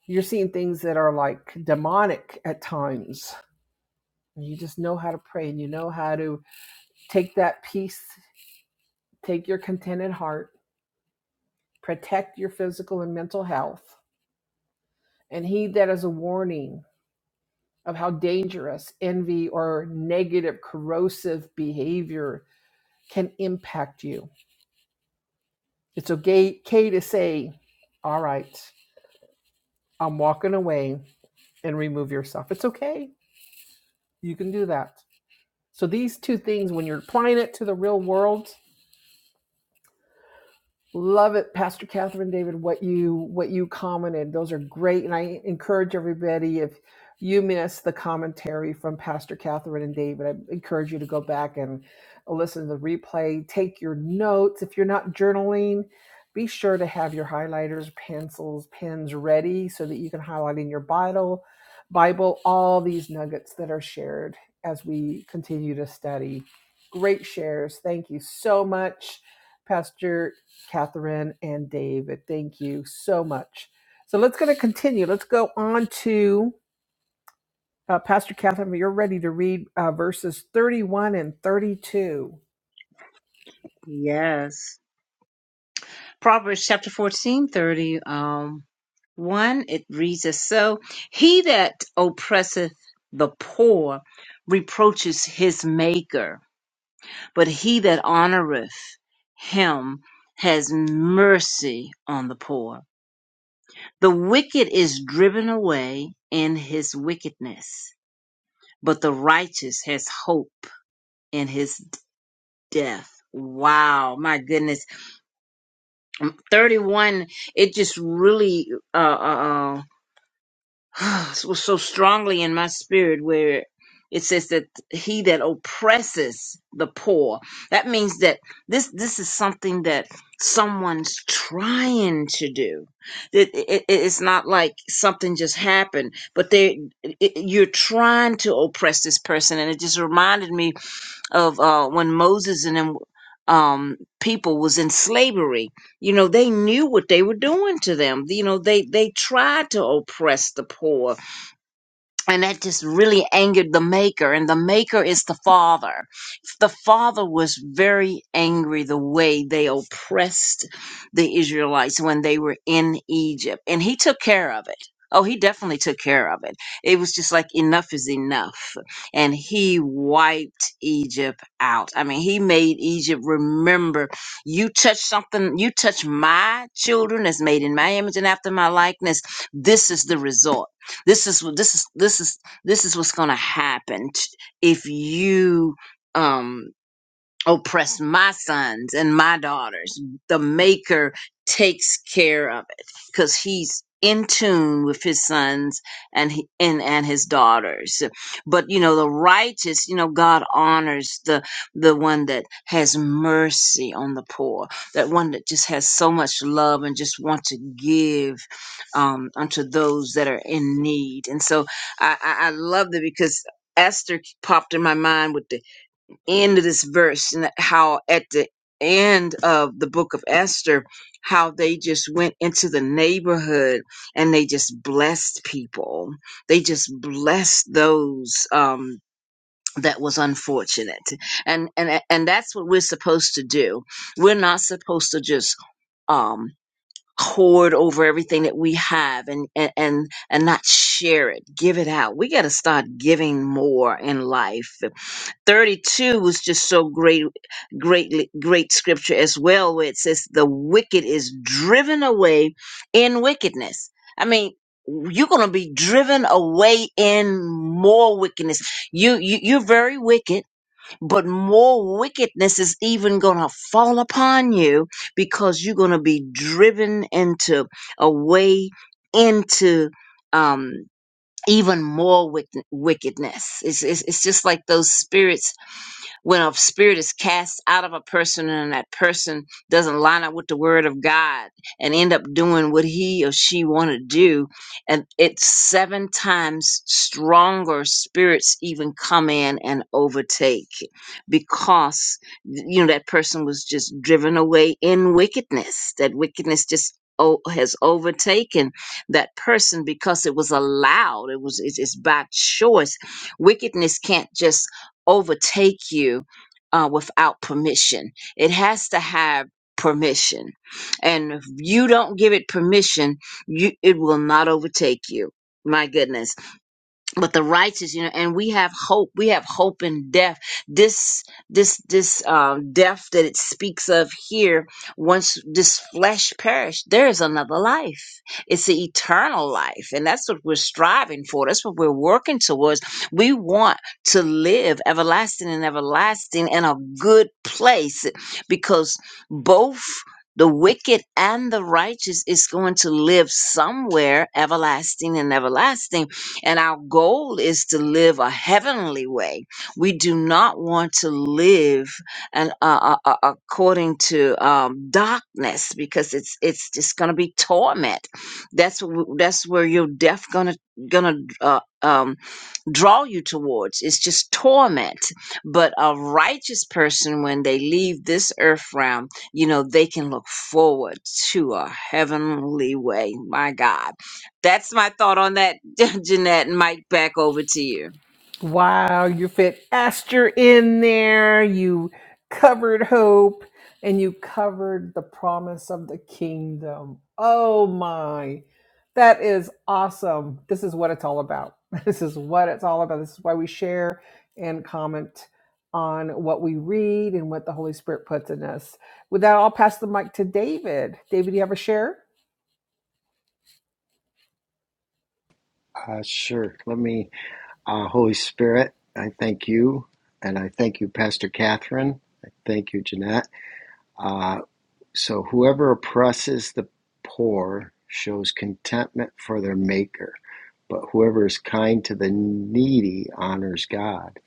Speaker 1: You're seeing things that are like demonic at times. And you just know how to pray and you know how to take that peace, take your contented heart, protect your physical and mental health, and heed that as a warning of how dangerous envy or negative corrosive behavior can impact you. It's okay, okay to say, All right, I'm walking away and remove yourself. It's okay. You can do that. So, these two things, when you're applying it to the real world, Love it, Pastor Catherine David, what you what you commented. Those are great. And I encourage everybody if you missed the commentary from Pastor Catherine and David, I encourage you to go back and listen to the replay. Take your notes. If you're not journaling, be sure to have your highlighters, pencils, pens ready so that you can highlight in your Bible, Bible, all these nuggets that are shared as we continue to study. Great shares. Thank you so much. Pastor Catherine and David. Thank you so much. So let's going to continue. Let's go on to uh, Pastor Catherine. You're ready to read uh, verses 31 and 32.
Speaker 2: Yes. Proverbs chapter 14, thirty, um, 1, it reads as so He that oppresseth the poor reproaches his maker, but he that honoreth him has mercy on the poor. The wicked is driven away in his wickedness, but the righteous has hope in his death. Wow, my goodness. 31, it just really, uh, uh, uh was so strongly in my spirit where it says that he that oppresses the poor that means that this this is something that someone's trying to do that it, it- it's not like something just happened but they it, you're trying to oppress this person and it just reminded me of uh when moses and them um people was in slavery you know they knew what they were doing to them you know they they tried to oppress the poor and that just really angered the maker and the maker is the father the father was very angry the way they oppressed the israelites when they were in egypt and he took care of it oh he definitely took care of it it was just like enough is enough and he wiped egypt out i mean he made egypt remember you touch something you touch my children as made in my image and after my likeness this is the result this is what this is this is this is what's gonna happen t- if you um oppress my sons and my daughters. The Maker takes care of it because He's in tune with His sons and he, and and His daughters. But you know, the righteous, you know, God honors the the one that has mercy on the poor, that one that just has so much love and just want to give um, unto those that are in need. And so I, I, I love that because. Esther popped in my mind with the end of this verse and how at the end of the book of Esther, how they just went into the neighborhood and they just blessed people. They just blessed those um that was unfortunate. And and and that's what we're supposed to do. We're not supposed to just um hoard over everything that we have and and and, and not share it give it out we got to start giving more in life 32 was just so great great great scripture as well where it says the wicked is driven away in wickedness i mean you're going to be driven away in more wickedness you, you you're very wicked but more wickedness is even going to fall upon you because you're going to be driven into a way into um even more wick- wickedness it's, it's it's just like those spirits when a spirit is cast out of a person and that person doesn't line up with the word of God and end up doing what he or she want to do and it's seven times stronger spirits even come in and overtake because you know that person was just driven away in wickedness that wickedness just o- has overtaken that person because it was allowed it was it's it's by choice wickedness can't just overtake you uh, without permission. It has to have permission. And if you don't give it permission, you, it will not overtake you. My goodness but the righteous you know and we have hope we have hope in death this this this um death that it speaks of here once this flesh perished there is another life it's the eternal life and that's what we're striving for that's what we're working towards we want to live everlasting and everlasting in a good place because both the wicked and the righteous is going to live somewhere everlasting and everlasting and our goal is to live a heavenly way. We do not want to live and uh, uh, uh, according to um, darkness because it's it's just going to be torment. That's wh- that's where you're deaf gonna gonna uh, um, draw you towards. It's just torment. But a righteous person, when they leave this earth realm, you know, they can look forward to a heavenly way. My God. That's my thought on that, Jeanette. Mike, back over to you.
Speaker 1: Wow, you fit Esther in there. You covered hope and you covered the promise of the kingdom. Oh my, that is awesome. This is what it's all about. This is what it's all about. This is why we share and comment on what we read and what the Holy Spirit puts in us. With that, I'll pass the mic to David. David, you have a share?
Speaker 3: Uh, sure. Let me, uh, Holy Spirit, I thank you. And I thank you, Pastor Catherine. I thank you, Jeanette. Uh, so, whoever oppresses the poor shows contentment for their maker, but whoever is kind to the needy honors God.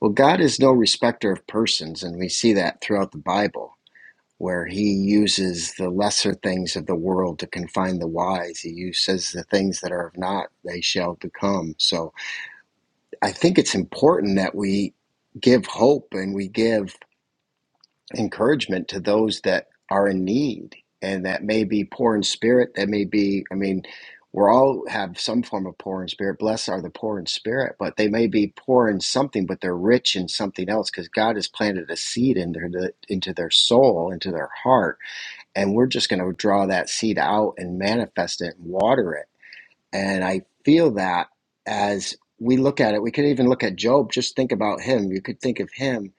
Speaker 3: Well, God is no respecter of persons, and we see that throughout the Bible where he uses the lesser things of the world to confine the wise. He u- says the things that are of not, they shall become. So I think it's important that we give hope and we give encouragement to those that are in need and that may be poor in spirit, that may be, I mean, we're all have some form of poor in spirit. Blessed are the poor in spirit, but they may be poor in something, but they're rich in something else because God has planted a seed in their, into their soul, into their heart and we're just going to draw that seed out and manifest it and water it. And I feel that as we look at it, we could even look at Job, just think about him. You could think of him.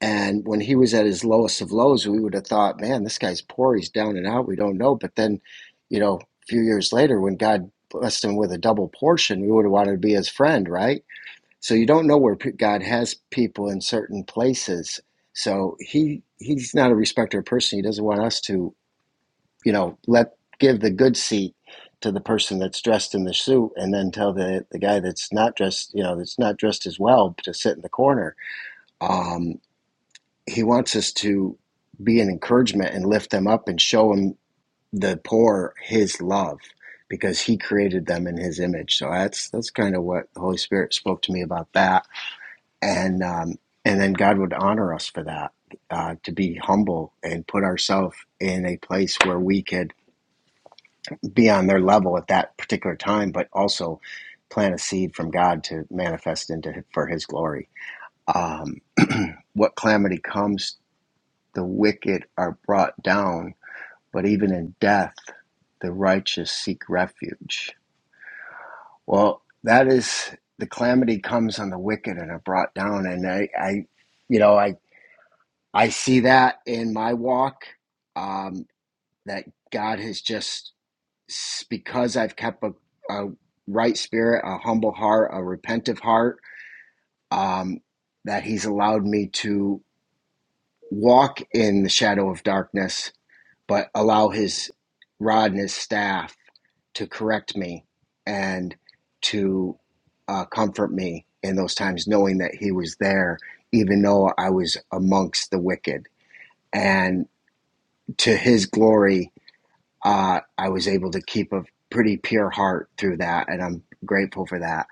Speaker 3: And when he was at his lowest of lows, we would have thought, man, this guy's poor. He's down and out. We don't know. But then, you know, a few years later, when God blessed him with a double portion, we would have wanted to be his friend, right? So you don't know where God has people in certain places. So he he's not a respecter of person. He doesn't want us to you know, let give the good seat to the person that's dressed in the suit, and then tell the the guy that's not dressed, you know, that's not dressed as well to sit in the corner. Um, he wants us to be an encouragement and lift them up and show them the poor his love because he created them in his image. So that's that's kind of what the Holy Spirit spoke to me about that, and um, and then God would honor us for that uh, to be humble and put ourselves in a place where we could be on their level at that particular time, but also plant a seed from God to manifest into for His glory. Um, what calamity comes, the wicked are brought down, but even in death, the righteous seek refuge. Well, that is the calamity comes on the wicked and are brought down, and I, I you know, I I see that in my walk um, that God has just because I've kept a, a right spirit, a humble heart, a repentive heart, um, that He's allowed me to walk in the shadow of darkness, but allow His rod and His staff to correct me and to uh, comfort me in those times, knowing that He was there, even though I was amongst the wicked. And to His glory, uh, I was able to keep a pretty pure heart through that, and I'm grateful for that.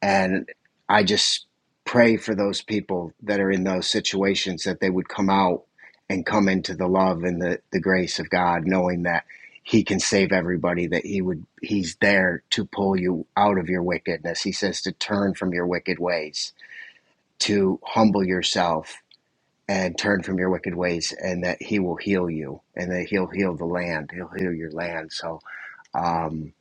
Speaker 3: And I just pray for those people that are in those situations that they would come out and come into the love and the, the grace of God, knowing that He can save everybody, that He would He's there to pull you out of your wickedness. He says to turn from your wicked ways, to humble yourself and turn from your wicked ways, and that He will heal you, and that He'll heal the land, He'll heal your land. So um,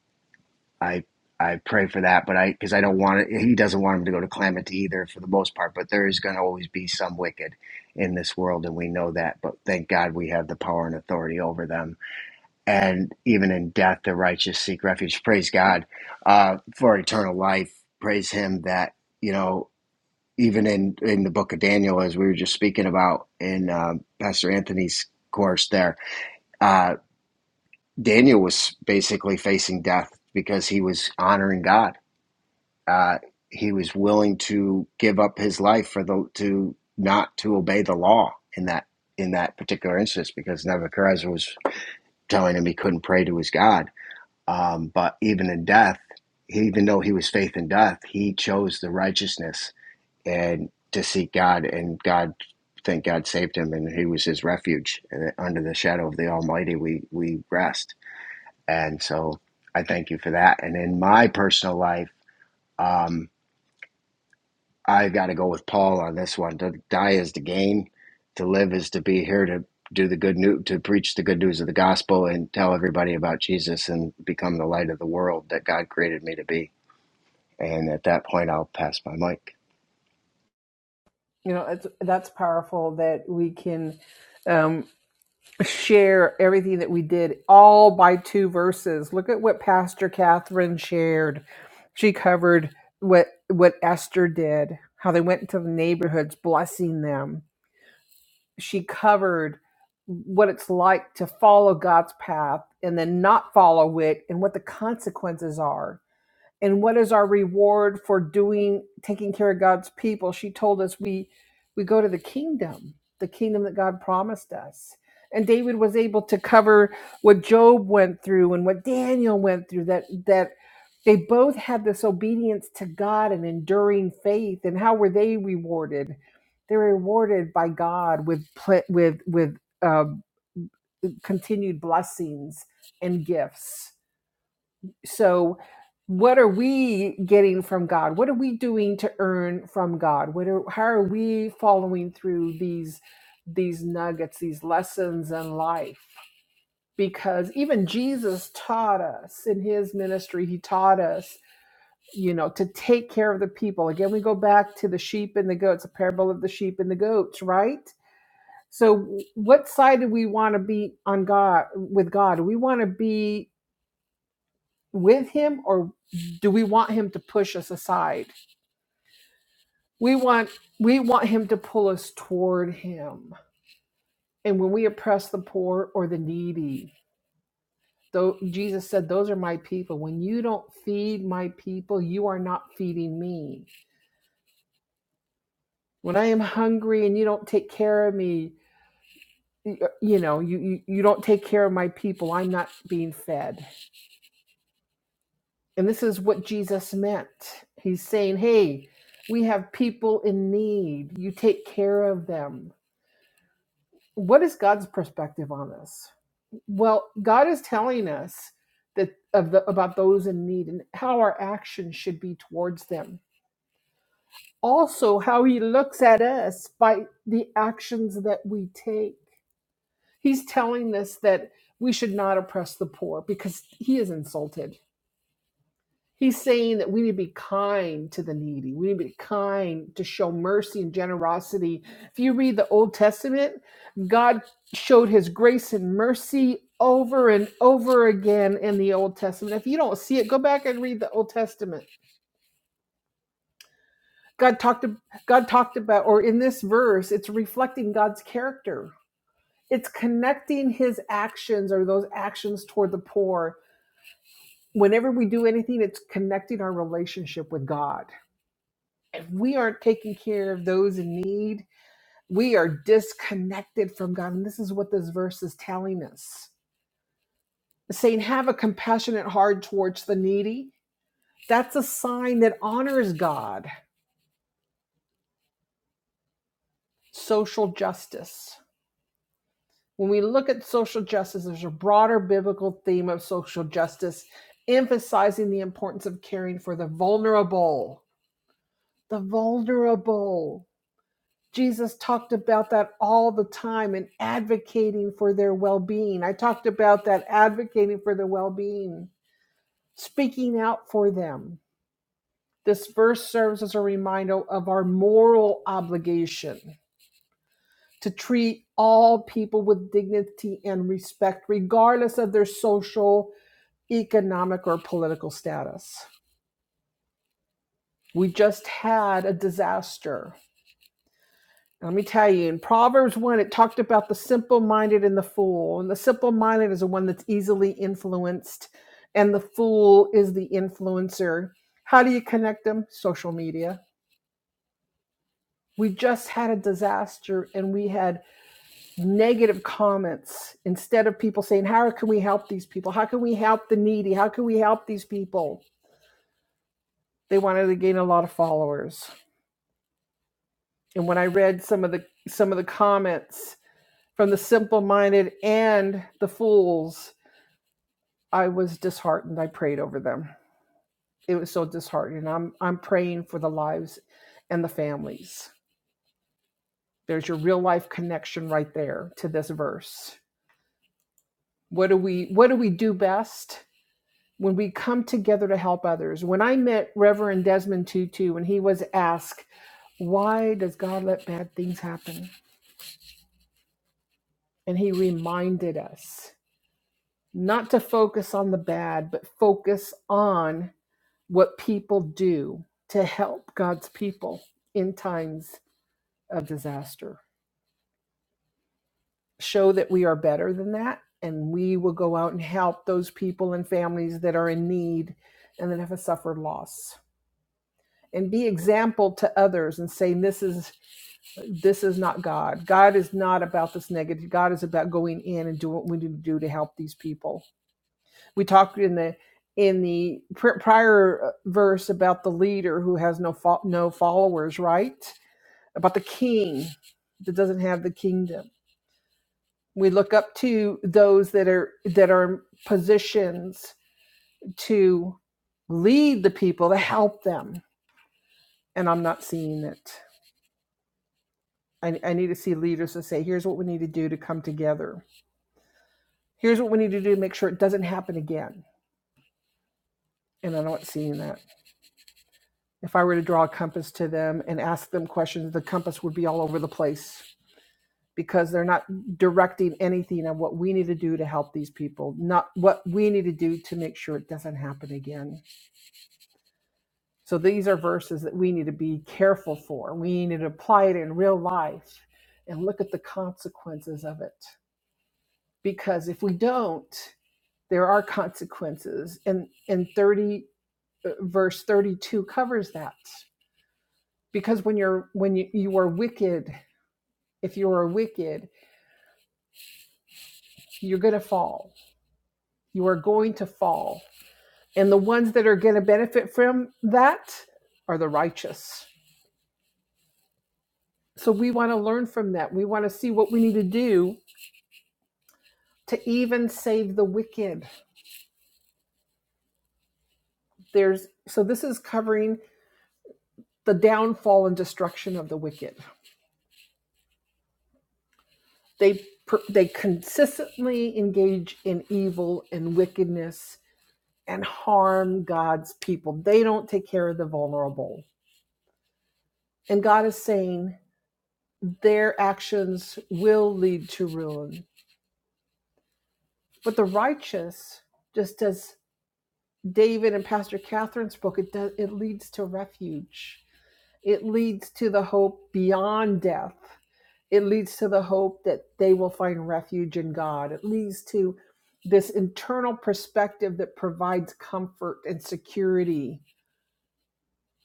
Speaker 3: I I pray for that, but I because I don't want it. He doesn't want him to go to calamity either, for the most part. But there is going to always be some wicked in this world, and we know that. But thank God we have the power and authority over them. And even in death, the righteous seek refuge. Praise God uh, for eternal life. Praise Him that you know. Even in in the book of Daniel, as we were just speaking about in um Pastor Anthony's course there uh, Daniel was basically facing death because he was honoring God. Uh, he was willing to give up his life for the to not to obey the law in that in that particular instance because Nebuchadnezzar was telling him he couldn't pray to his God. Um, but even in death, he, even though he was faith in death, he chose the righteousness and to seek God, and God, thank God, saved him, and He was his refuge. And under the shadow of the Almighty, we we rest and so I thank you for that. And in my personal life, um, I got to go with Paul on this one. To die is to gain, to live is to be here to do the good news, to preach the good news of the gospel and tell everybody about Jesus and become the light of the world that God created me to be. And at that point, I'll pass my mic.
Speaker 1: You know, it's, that's powerful that we can. um, share everything that we did all by two verses. Look at what Pastor Catherine shared. She covered what what Esther did, how they went into the neighborhoods blessing them. She covered what it's like to follow God's path and then not follow it and what the consequences are and what is our reward for doing taking care of God's people? She told us we we go to the kingdom, the kingdom that God promised us. And David was able to cover what Job went through and what Daniel went through that that they both had this obedience to God and enduring faith and how were they rewarded? They're rewarded by God with pl- with with um, continued blessings and gifts so what are we getting from god what are we doing to earn from god what are how are we following through these these nuggets these lessons in life because even jesus taught us in his ministry he taught us you know to take care of the people again we go back to the sheep and the goats a parable of the sheep and the goats right so what side do we want to be on god with god do we want to be with him or do we want him to push us aside we want we want him to pull us toward him and when we oppress the poor or the needy though jesus said those are my people when you don't feed my people you are not feeding me when i am hungry and you don't take care of me y- you know you you, you don't take care of my people i'm not being fed And this is what Jesus meant. He's saying, hey, we have people in need. You take care of them. What is God's perspective on this? Well, God is telling us that of the, about those in need and how our actions should be towards them. Also, how he looks at us by the actions that we take. He's telling us that we should not oppress the poor because he is insulted He's saying that we need to be kind to the needy. We need to be kind to show mercy and generosity. If you read the Old Testament, God showed his grace and mercy over and over again in the Old Testament. If you don't see it, go back and read the Old Testament. God talked God talked about or in this verse, it's reflecting God's character. It's connecting his actions or those actions toward the poor. Whenever we do anything, it's connecting our relationship with God if we aren't taking care of those in need, we are disconnected from God. And this is what this verse is telling us. It's saying, have a compassionate heart towards the needy. That's a sign that honors God. Social justice. When we look at social justice, there's a broader biblical theme of social justice, emphasizing the importance of caring for the vulnerable. The vulnerable. Jesus talked about that all the time and advocating for their well being. I talked about that advocating for their well being, speaking out for them. This verse serves as a reminder of our moral obligation to treat all people with dignity and respect, regardless of their social, economic, or political status. We just had a disaster Let me tell you, in Proverbs 1, it talked about the simple minded and the fool. And the simple minded is the one that's easily influenced, and the fool is the influencer. How do you connect them? Social media. We just had a disaster and we had negative comments instead of people saying, How can we help these people? How can we help the needy? How can we help these people? They wanted to gain a lot of followers. And when I read some of the some of the comments, from the simple minded and the fools. I was disheartened. I prayed over them. It was so disheartening. I'm I'm praying for the lives and the families. There's your real life connection right there to this verse. What do we what do we do best when we come together to help others? When I met Reverend Desmond Tutu when he was asked, "Why does God let bad things happen?" and he reminded us not to focus on the bad, but focus on what people do to help God's people in times of disaster. Show that we are better than that, and we will go out and help those people and families that are in need and that have suffered loss. And be example to others and say, This is this is not God. God is not about this negative. God is about going in and doing what we need to do to help these people. We talked in the in the prior uh, verse about the leader who has no fo- no followers, right? about the king that doesn't have the kingdom. We look up to those that are that are in positions to lead the people to help them, and I'm not seeing it. I, I need to see leaders to say, "Here's what we need to do to come together. Here's what we need to do to make sure it doesn't happen again." And I'm not seeing that. If I were to draw a compass to them and ask them questions, the compass would be all over the place because they're not directing anything on what we need to do to help these people, not what we need to do to make sure it doesn't happen again. So these are verses that we need to be careful for. We need to apply it in real life and look at the consequences of it. Because if we don't, there are consequences. And and 30 uh, verse 32 covers that. Because when you're when you, you are wicked, if you are wicked, you're going to fall. You are going to fall And the ones that are going to benefit from that are the righteous. So we want to learn from that. We want to see what we need to do to even save the wicked. There's so this is covering the downfall and destruction of the wicked. They they consistently engage in evil and wickedness and harm God's people. They don't take care of the vulnerable. And God is saying their actions will lead to ruin But the righteous, just as David and Pastor Catherine spoke, it does it leads to refuge. It leads to the hope beyond death. It leads to the hope that they will find refuge in God. It leads to this internal perspective that provides comfort and security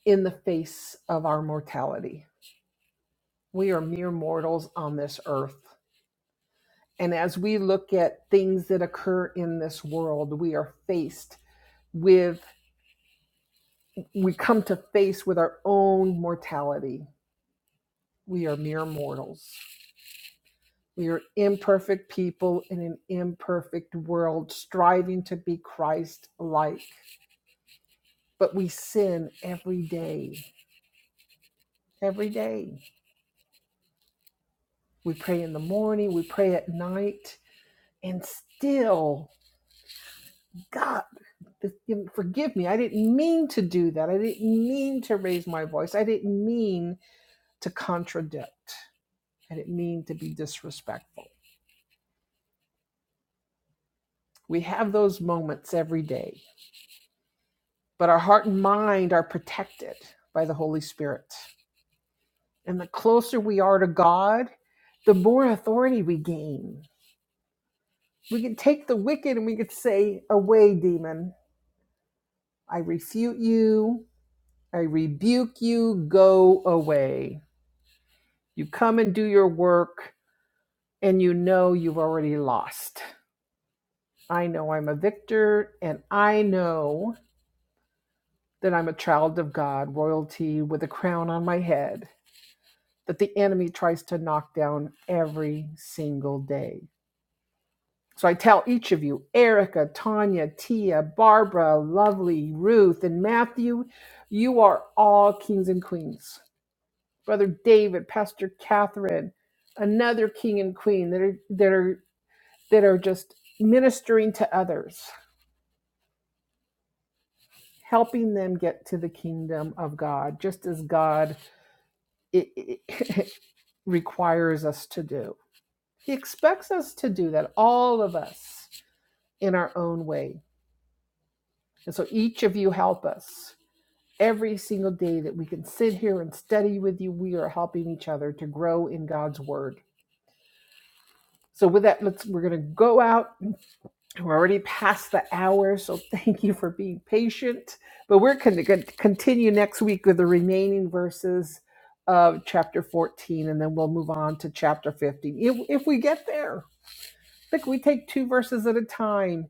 Speaker 1: in the face of our mortality. We are mere mortals on this earth. And as we look at things that occur in this world, we are faced with we come to face with our own mortality. We are mere mortals. We are imperfect people in an imperfect world, striving to be Christ like. But we sin every day, every day. We pray in the morning, we pray at night, and still, God, forgive me. I didn't mean to do that. I didn't mean to raise my voice. I didn't mean to contradict. I didn't mean to be disrespectful We have those moments every day, but our heart and mind are protected by the Holy Spirit. And the closer we are to God, the more authority we gain. We can take the wicked and we could say, Away, demon. I refute you. I rebuke you. Go away. You come and do your work, and you know you've already lost. I know I'm a victor, and I know that I'm a child of God, royalty with a crown on my head that the enemy tries to knock down every single day. So I tell each of you, Erica, Tanya, Tia, Barbara, Lovely, Ruth, and Matthew, you are all kings and queens. Brother David, Pastor Catherine, another king and queen that are that are that are just ministering to others, helping them get to the kingdom of God, just as God it, it, it requires us to do. He expects us to do that, all of us. in our own way. And so each of you help us. Every single day that we can sit here and study with you, we are helping each other to grow in God's word. So with that, let's we're going to go out. We're already past the hour, so thank you for being patient. But we're going to continue next week with the remaining verses of chapter 14 and then we'll move on to chapter 15 if, if we get there. Look, we take two verses at a time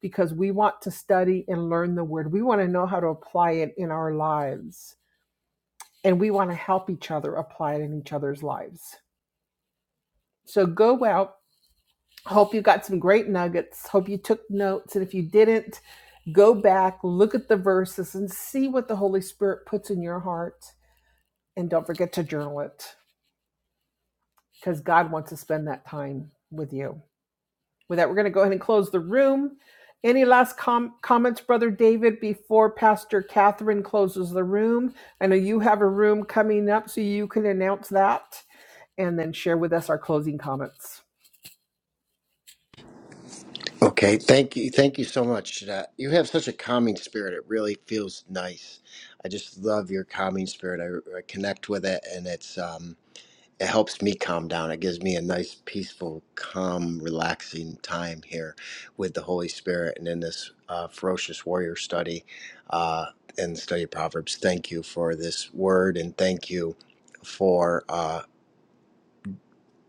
Speaker 1: because we want to study and learn the word. We want to know how to apply it in our lives, and we want to help each other apply it in each other's lives. So go out. Hope you got some great nuggets. Hope you took notes. And if you didn't, go back, look at the verses, and see what the Holy Spirit puts in your heart. And don't forget to journal it because God wants to spend that time with you. With that, we're going to go ahead and close the room. Any last com- comments, Brother David, before Pastor Catherine closes the room? I know you have a room coming up, so you can announce that and then share with us our closing comments.
Speaker 3: Okay, thank you, thank you so much. Uh, you have such a calming spirit; it really feels nice. I just love your calming spirit. I, I connect with it, and it's. Um, it helps me calm down. It gives me a nice, peaceful, calm, relaxing time here with the Holy Spirit and in this uh, ferocious warrior study uh, and the study of Proverbs. Thank you for this word and thank you for uh,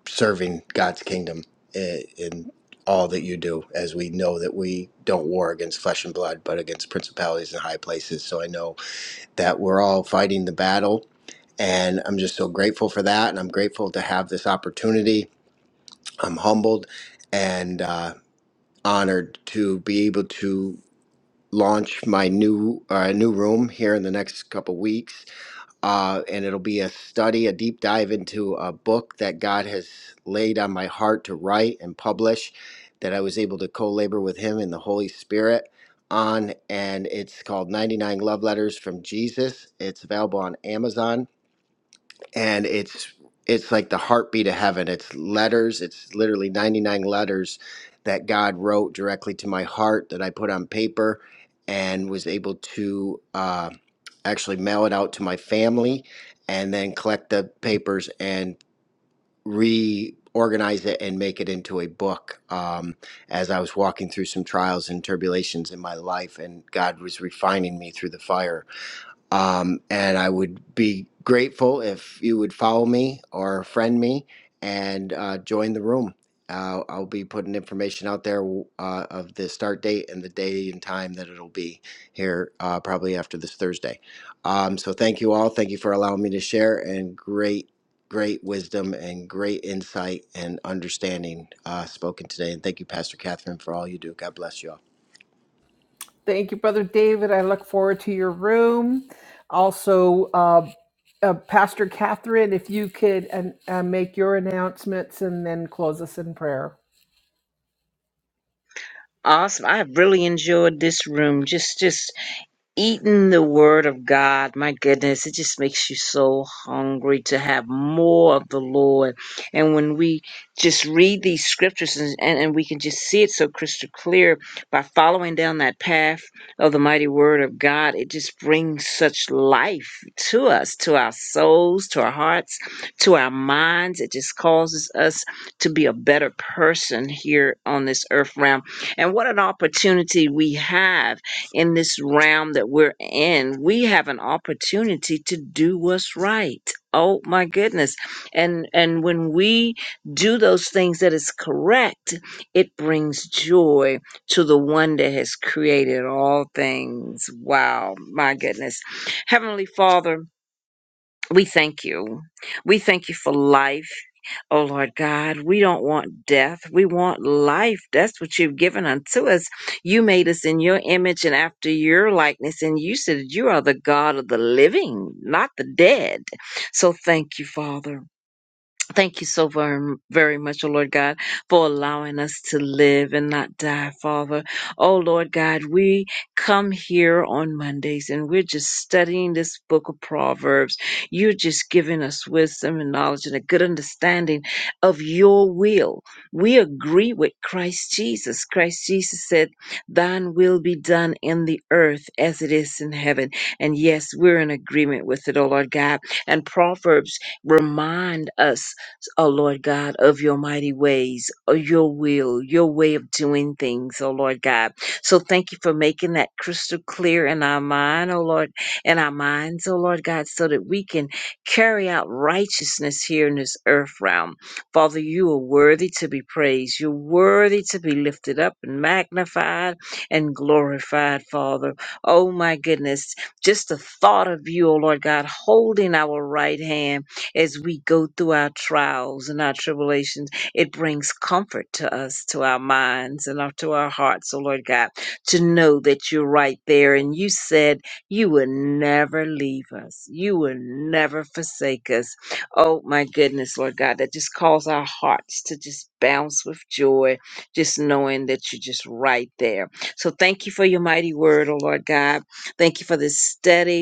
Speaker 3: serving God's kingdom in, in all that you do, as we know that we don't war against flesh and blood, but against principalities and high places. So I know that we're all fighting the battle. And I'm just so grateful for that. And I'm grateful to have this opportunity I'm humbled and uh, honored to be able to launch my new uh, new room here in the next couple weeks. Uh, and it'll be a study, a deep dive into a book that God has laid on my heart to write and publish that I was able to co labor with Him and the Holy Spirit on. And it's called 99 Love Letters from Jesus. It's available on Amazon and it's it's like the heartbeat of heaven it's letters it's literally 99 letters that god wrote directly to my heart that i put on paper and was able to uh, actually mail it out to my family and then collect the papers and reorganize it and make it into a book um, as i was walking through some trials and tribulations in my life and god was refining me through the fire um, and I would be grateful if you would follow me or friend me and uh, join the room. Uh, I'll be putting information out there uh, of the start date and the day and time that it'll be here uh, probably after this Thursday. Um, so thank you all. Thank you for allowing me to share and great, great wisdom and great insight and understanding uh, spoken today. And thank you, Pastor Catherine, for all you do. God bless you all.
Speaker 1: Thank you, Brother David. I look forward to your room. Also, uh, uh, Pastor Catherine, if you could an- uh, make your announcements and then close us in prayer.
Speaker 2: Awesome. I really enjoyed this room. Just, just eating the word of God, my goodness, it just makes you so hungry to have more of the Lord. And when we just read these scriptures and, and, and we can just see it so crystal clear by following down that path of the mighty word of God, it just brings such life to us, to our souls, to our hearts, to our minds. It just causes us to be a better person here on this earth realm. And what an opportunity we have in this realm that we're in, we have an opportunity to do what's right. Oh my goodness. And and when we do those things that is correct, it brings joy to the one that has created all things. Wow, my goodness. Heavenly Father, we thank you. We thank you for life. Oh Lord God, we don't want death. We want life. That's what you've given unto us. You made us in your image and after your likeness, and you said you are the God of the living, not the dead. So thank you, Father. Thank you so very, very much, oh Lord God, for allowing us to live and not die, Father. Oh Lord God, we come here on Mondays and we're just studying this book of Proverbs. You're just giving us wisdom and knowledge and a good understanding of your will. We agree with Christ Jesus. Christ Jesus said, Thine will be done in the earth as it is in heaven. And yes, we're in agreement with it, oh Lord God. And Proverbs remind us O Lord God, of your mighty ways, of your will, your way of doing things, O Lord God. So thank you for making that crystal clear in our mind, O Lord, in our minds, O Lord God, so that we can carry out righteousness here in this earth realm. Father, you are worthy to be praised. You're worthy to be lifted up and magnified and glorified, Father. Oh my goodness, just the thought of you, O Lord God, holding our right hand as we go through our trials and our tribulations. It brings comfort to us, to our minds, and to our hearts, oh Lord God, to know that you're right there. And you said you would never leave us, you would never forsake us. Oh my goodness, Lord God, that just calls our hearts to just bounce with joy, just knowing that you're just right there. So thank you for your mighty word, oh Lord God. Thank you for this study.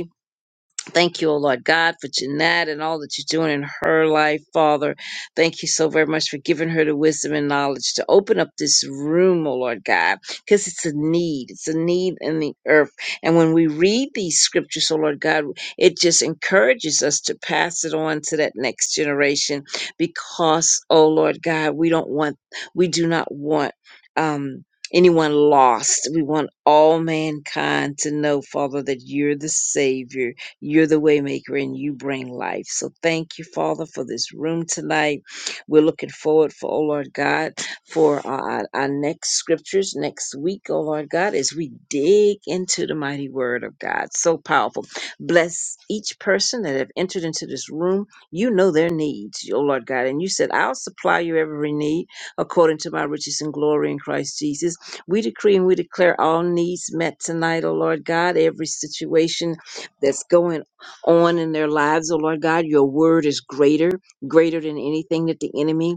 Speaker 2: Thank you, O Lord God, for Jeanette and all that you're doing in her life, Father. Thank you so very much for giving her the wisdom and knowledge to open up this room, O Lord God, because it's a need. It's a need in the earth. And when we read these scriptures, O Lord God, it just encourages us to pass it on to that next generation because, O Lord God, we don't want, we do not want, um, anyone lost. We want all mankind to know, Father, that you're the Savior you're the waymaker and you bring life. So thank you, Father, for this room tonight. We're looking forward for, oh Lord God, for uh, our, our next scriptures next week, oh Lord God, as we dig into the mighty word of God. So powerful. Bless each person that have entered into this room. You know their needs, oh Lord God. And you said, I'll supply your every need according to my riches and glory in Christ Jesus. We decree and we declare all needs met tonight, oh Lord God, every situation that's going on in their lives, oh Lord God. Your word is greater, greater than anything that the enemy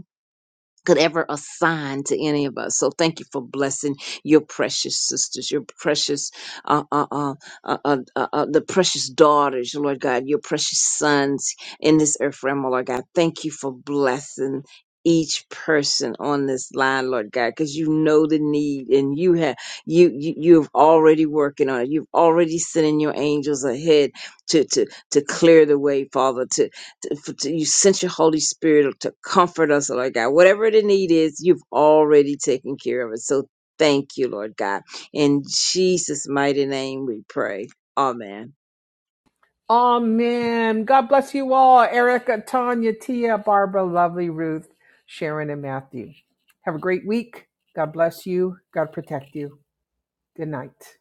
Speaker 2: could ever assign to any of us. So thank you for blessing your precious sisters, your precious, uh, uh, uh, uh, uh, uh, uh, the precious daughters, Lord God, your precious sons in this earth realm, oh Lord God. Thank you for blessing each person on this line lord god because you know the need and you have you, you you've already working on it you've already sending your angels ahead to to to clear the way father to to- f- to- you sent your Holy Spirit to comfort us, Lord God. Whatever the need is, you've already taken care of it. So thank you, Lord God. In Jesus' mighty name we pray. Amen.
Speaker 1: Amen. God bless you all. Erica, Tanya, Tia, Barbara, lovely Ruth, Sharon, and Matthew. Have a great week. God bless you. God protect you. Good night.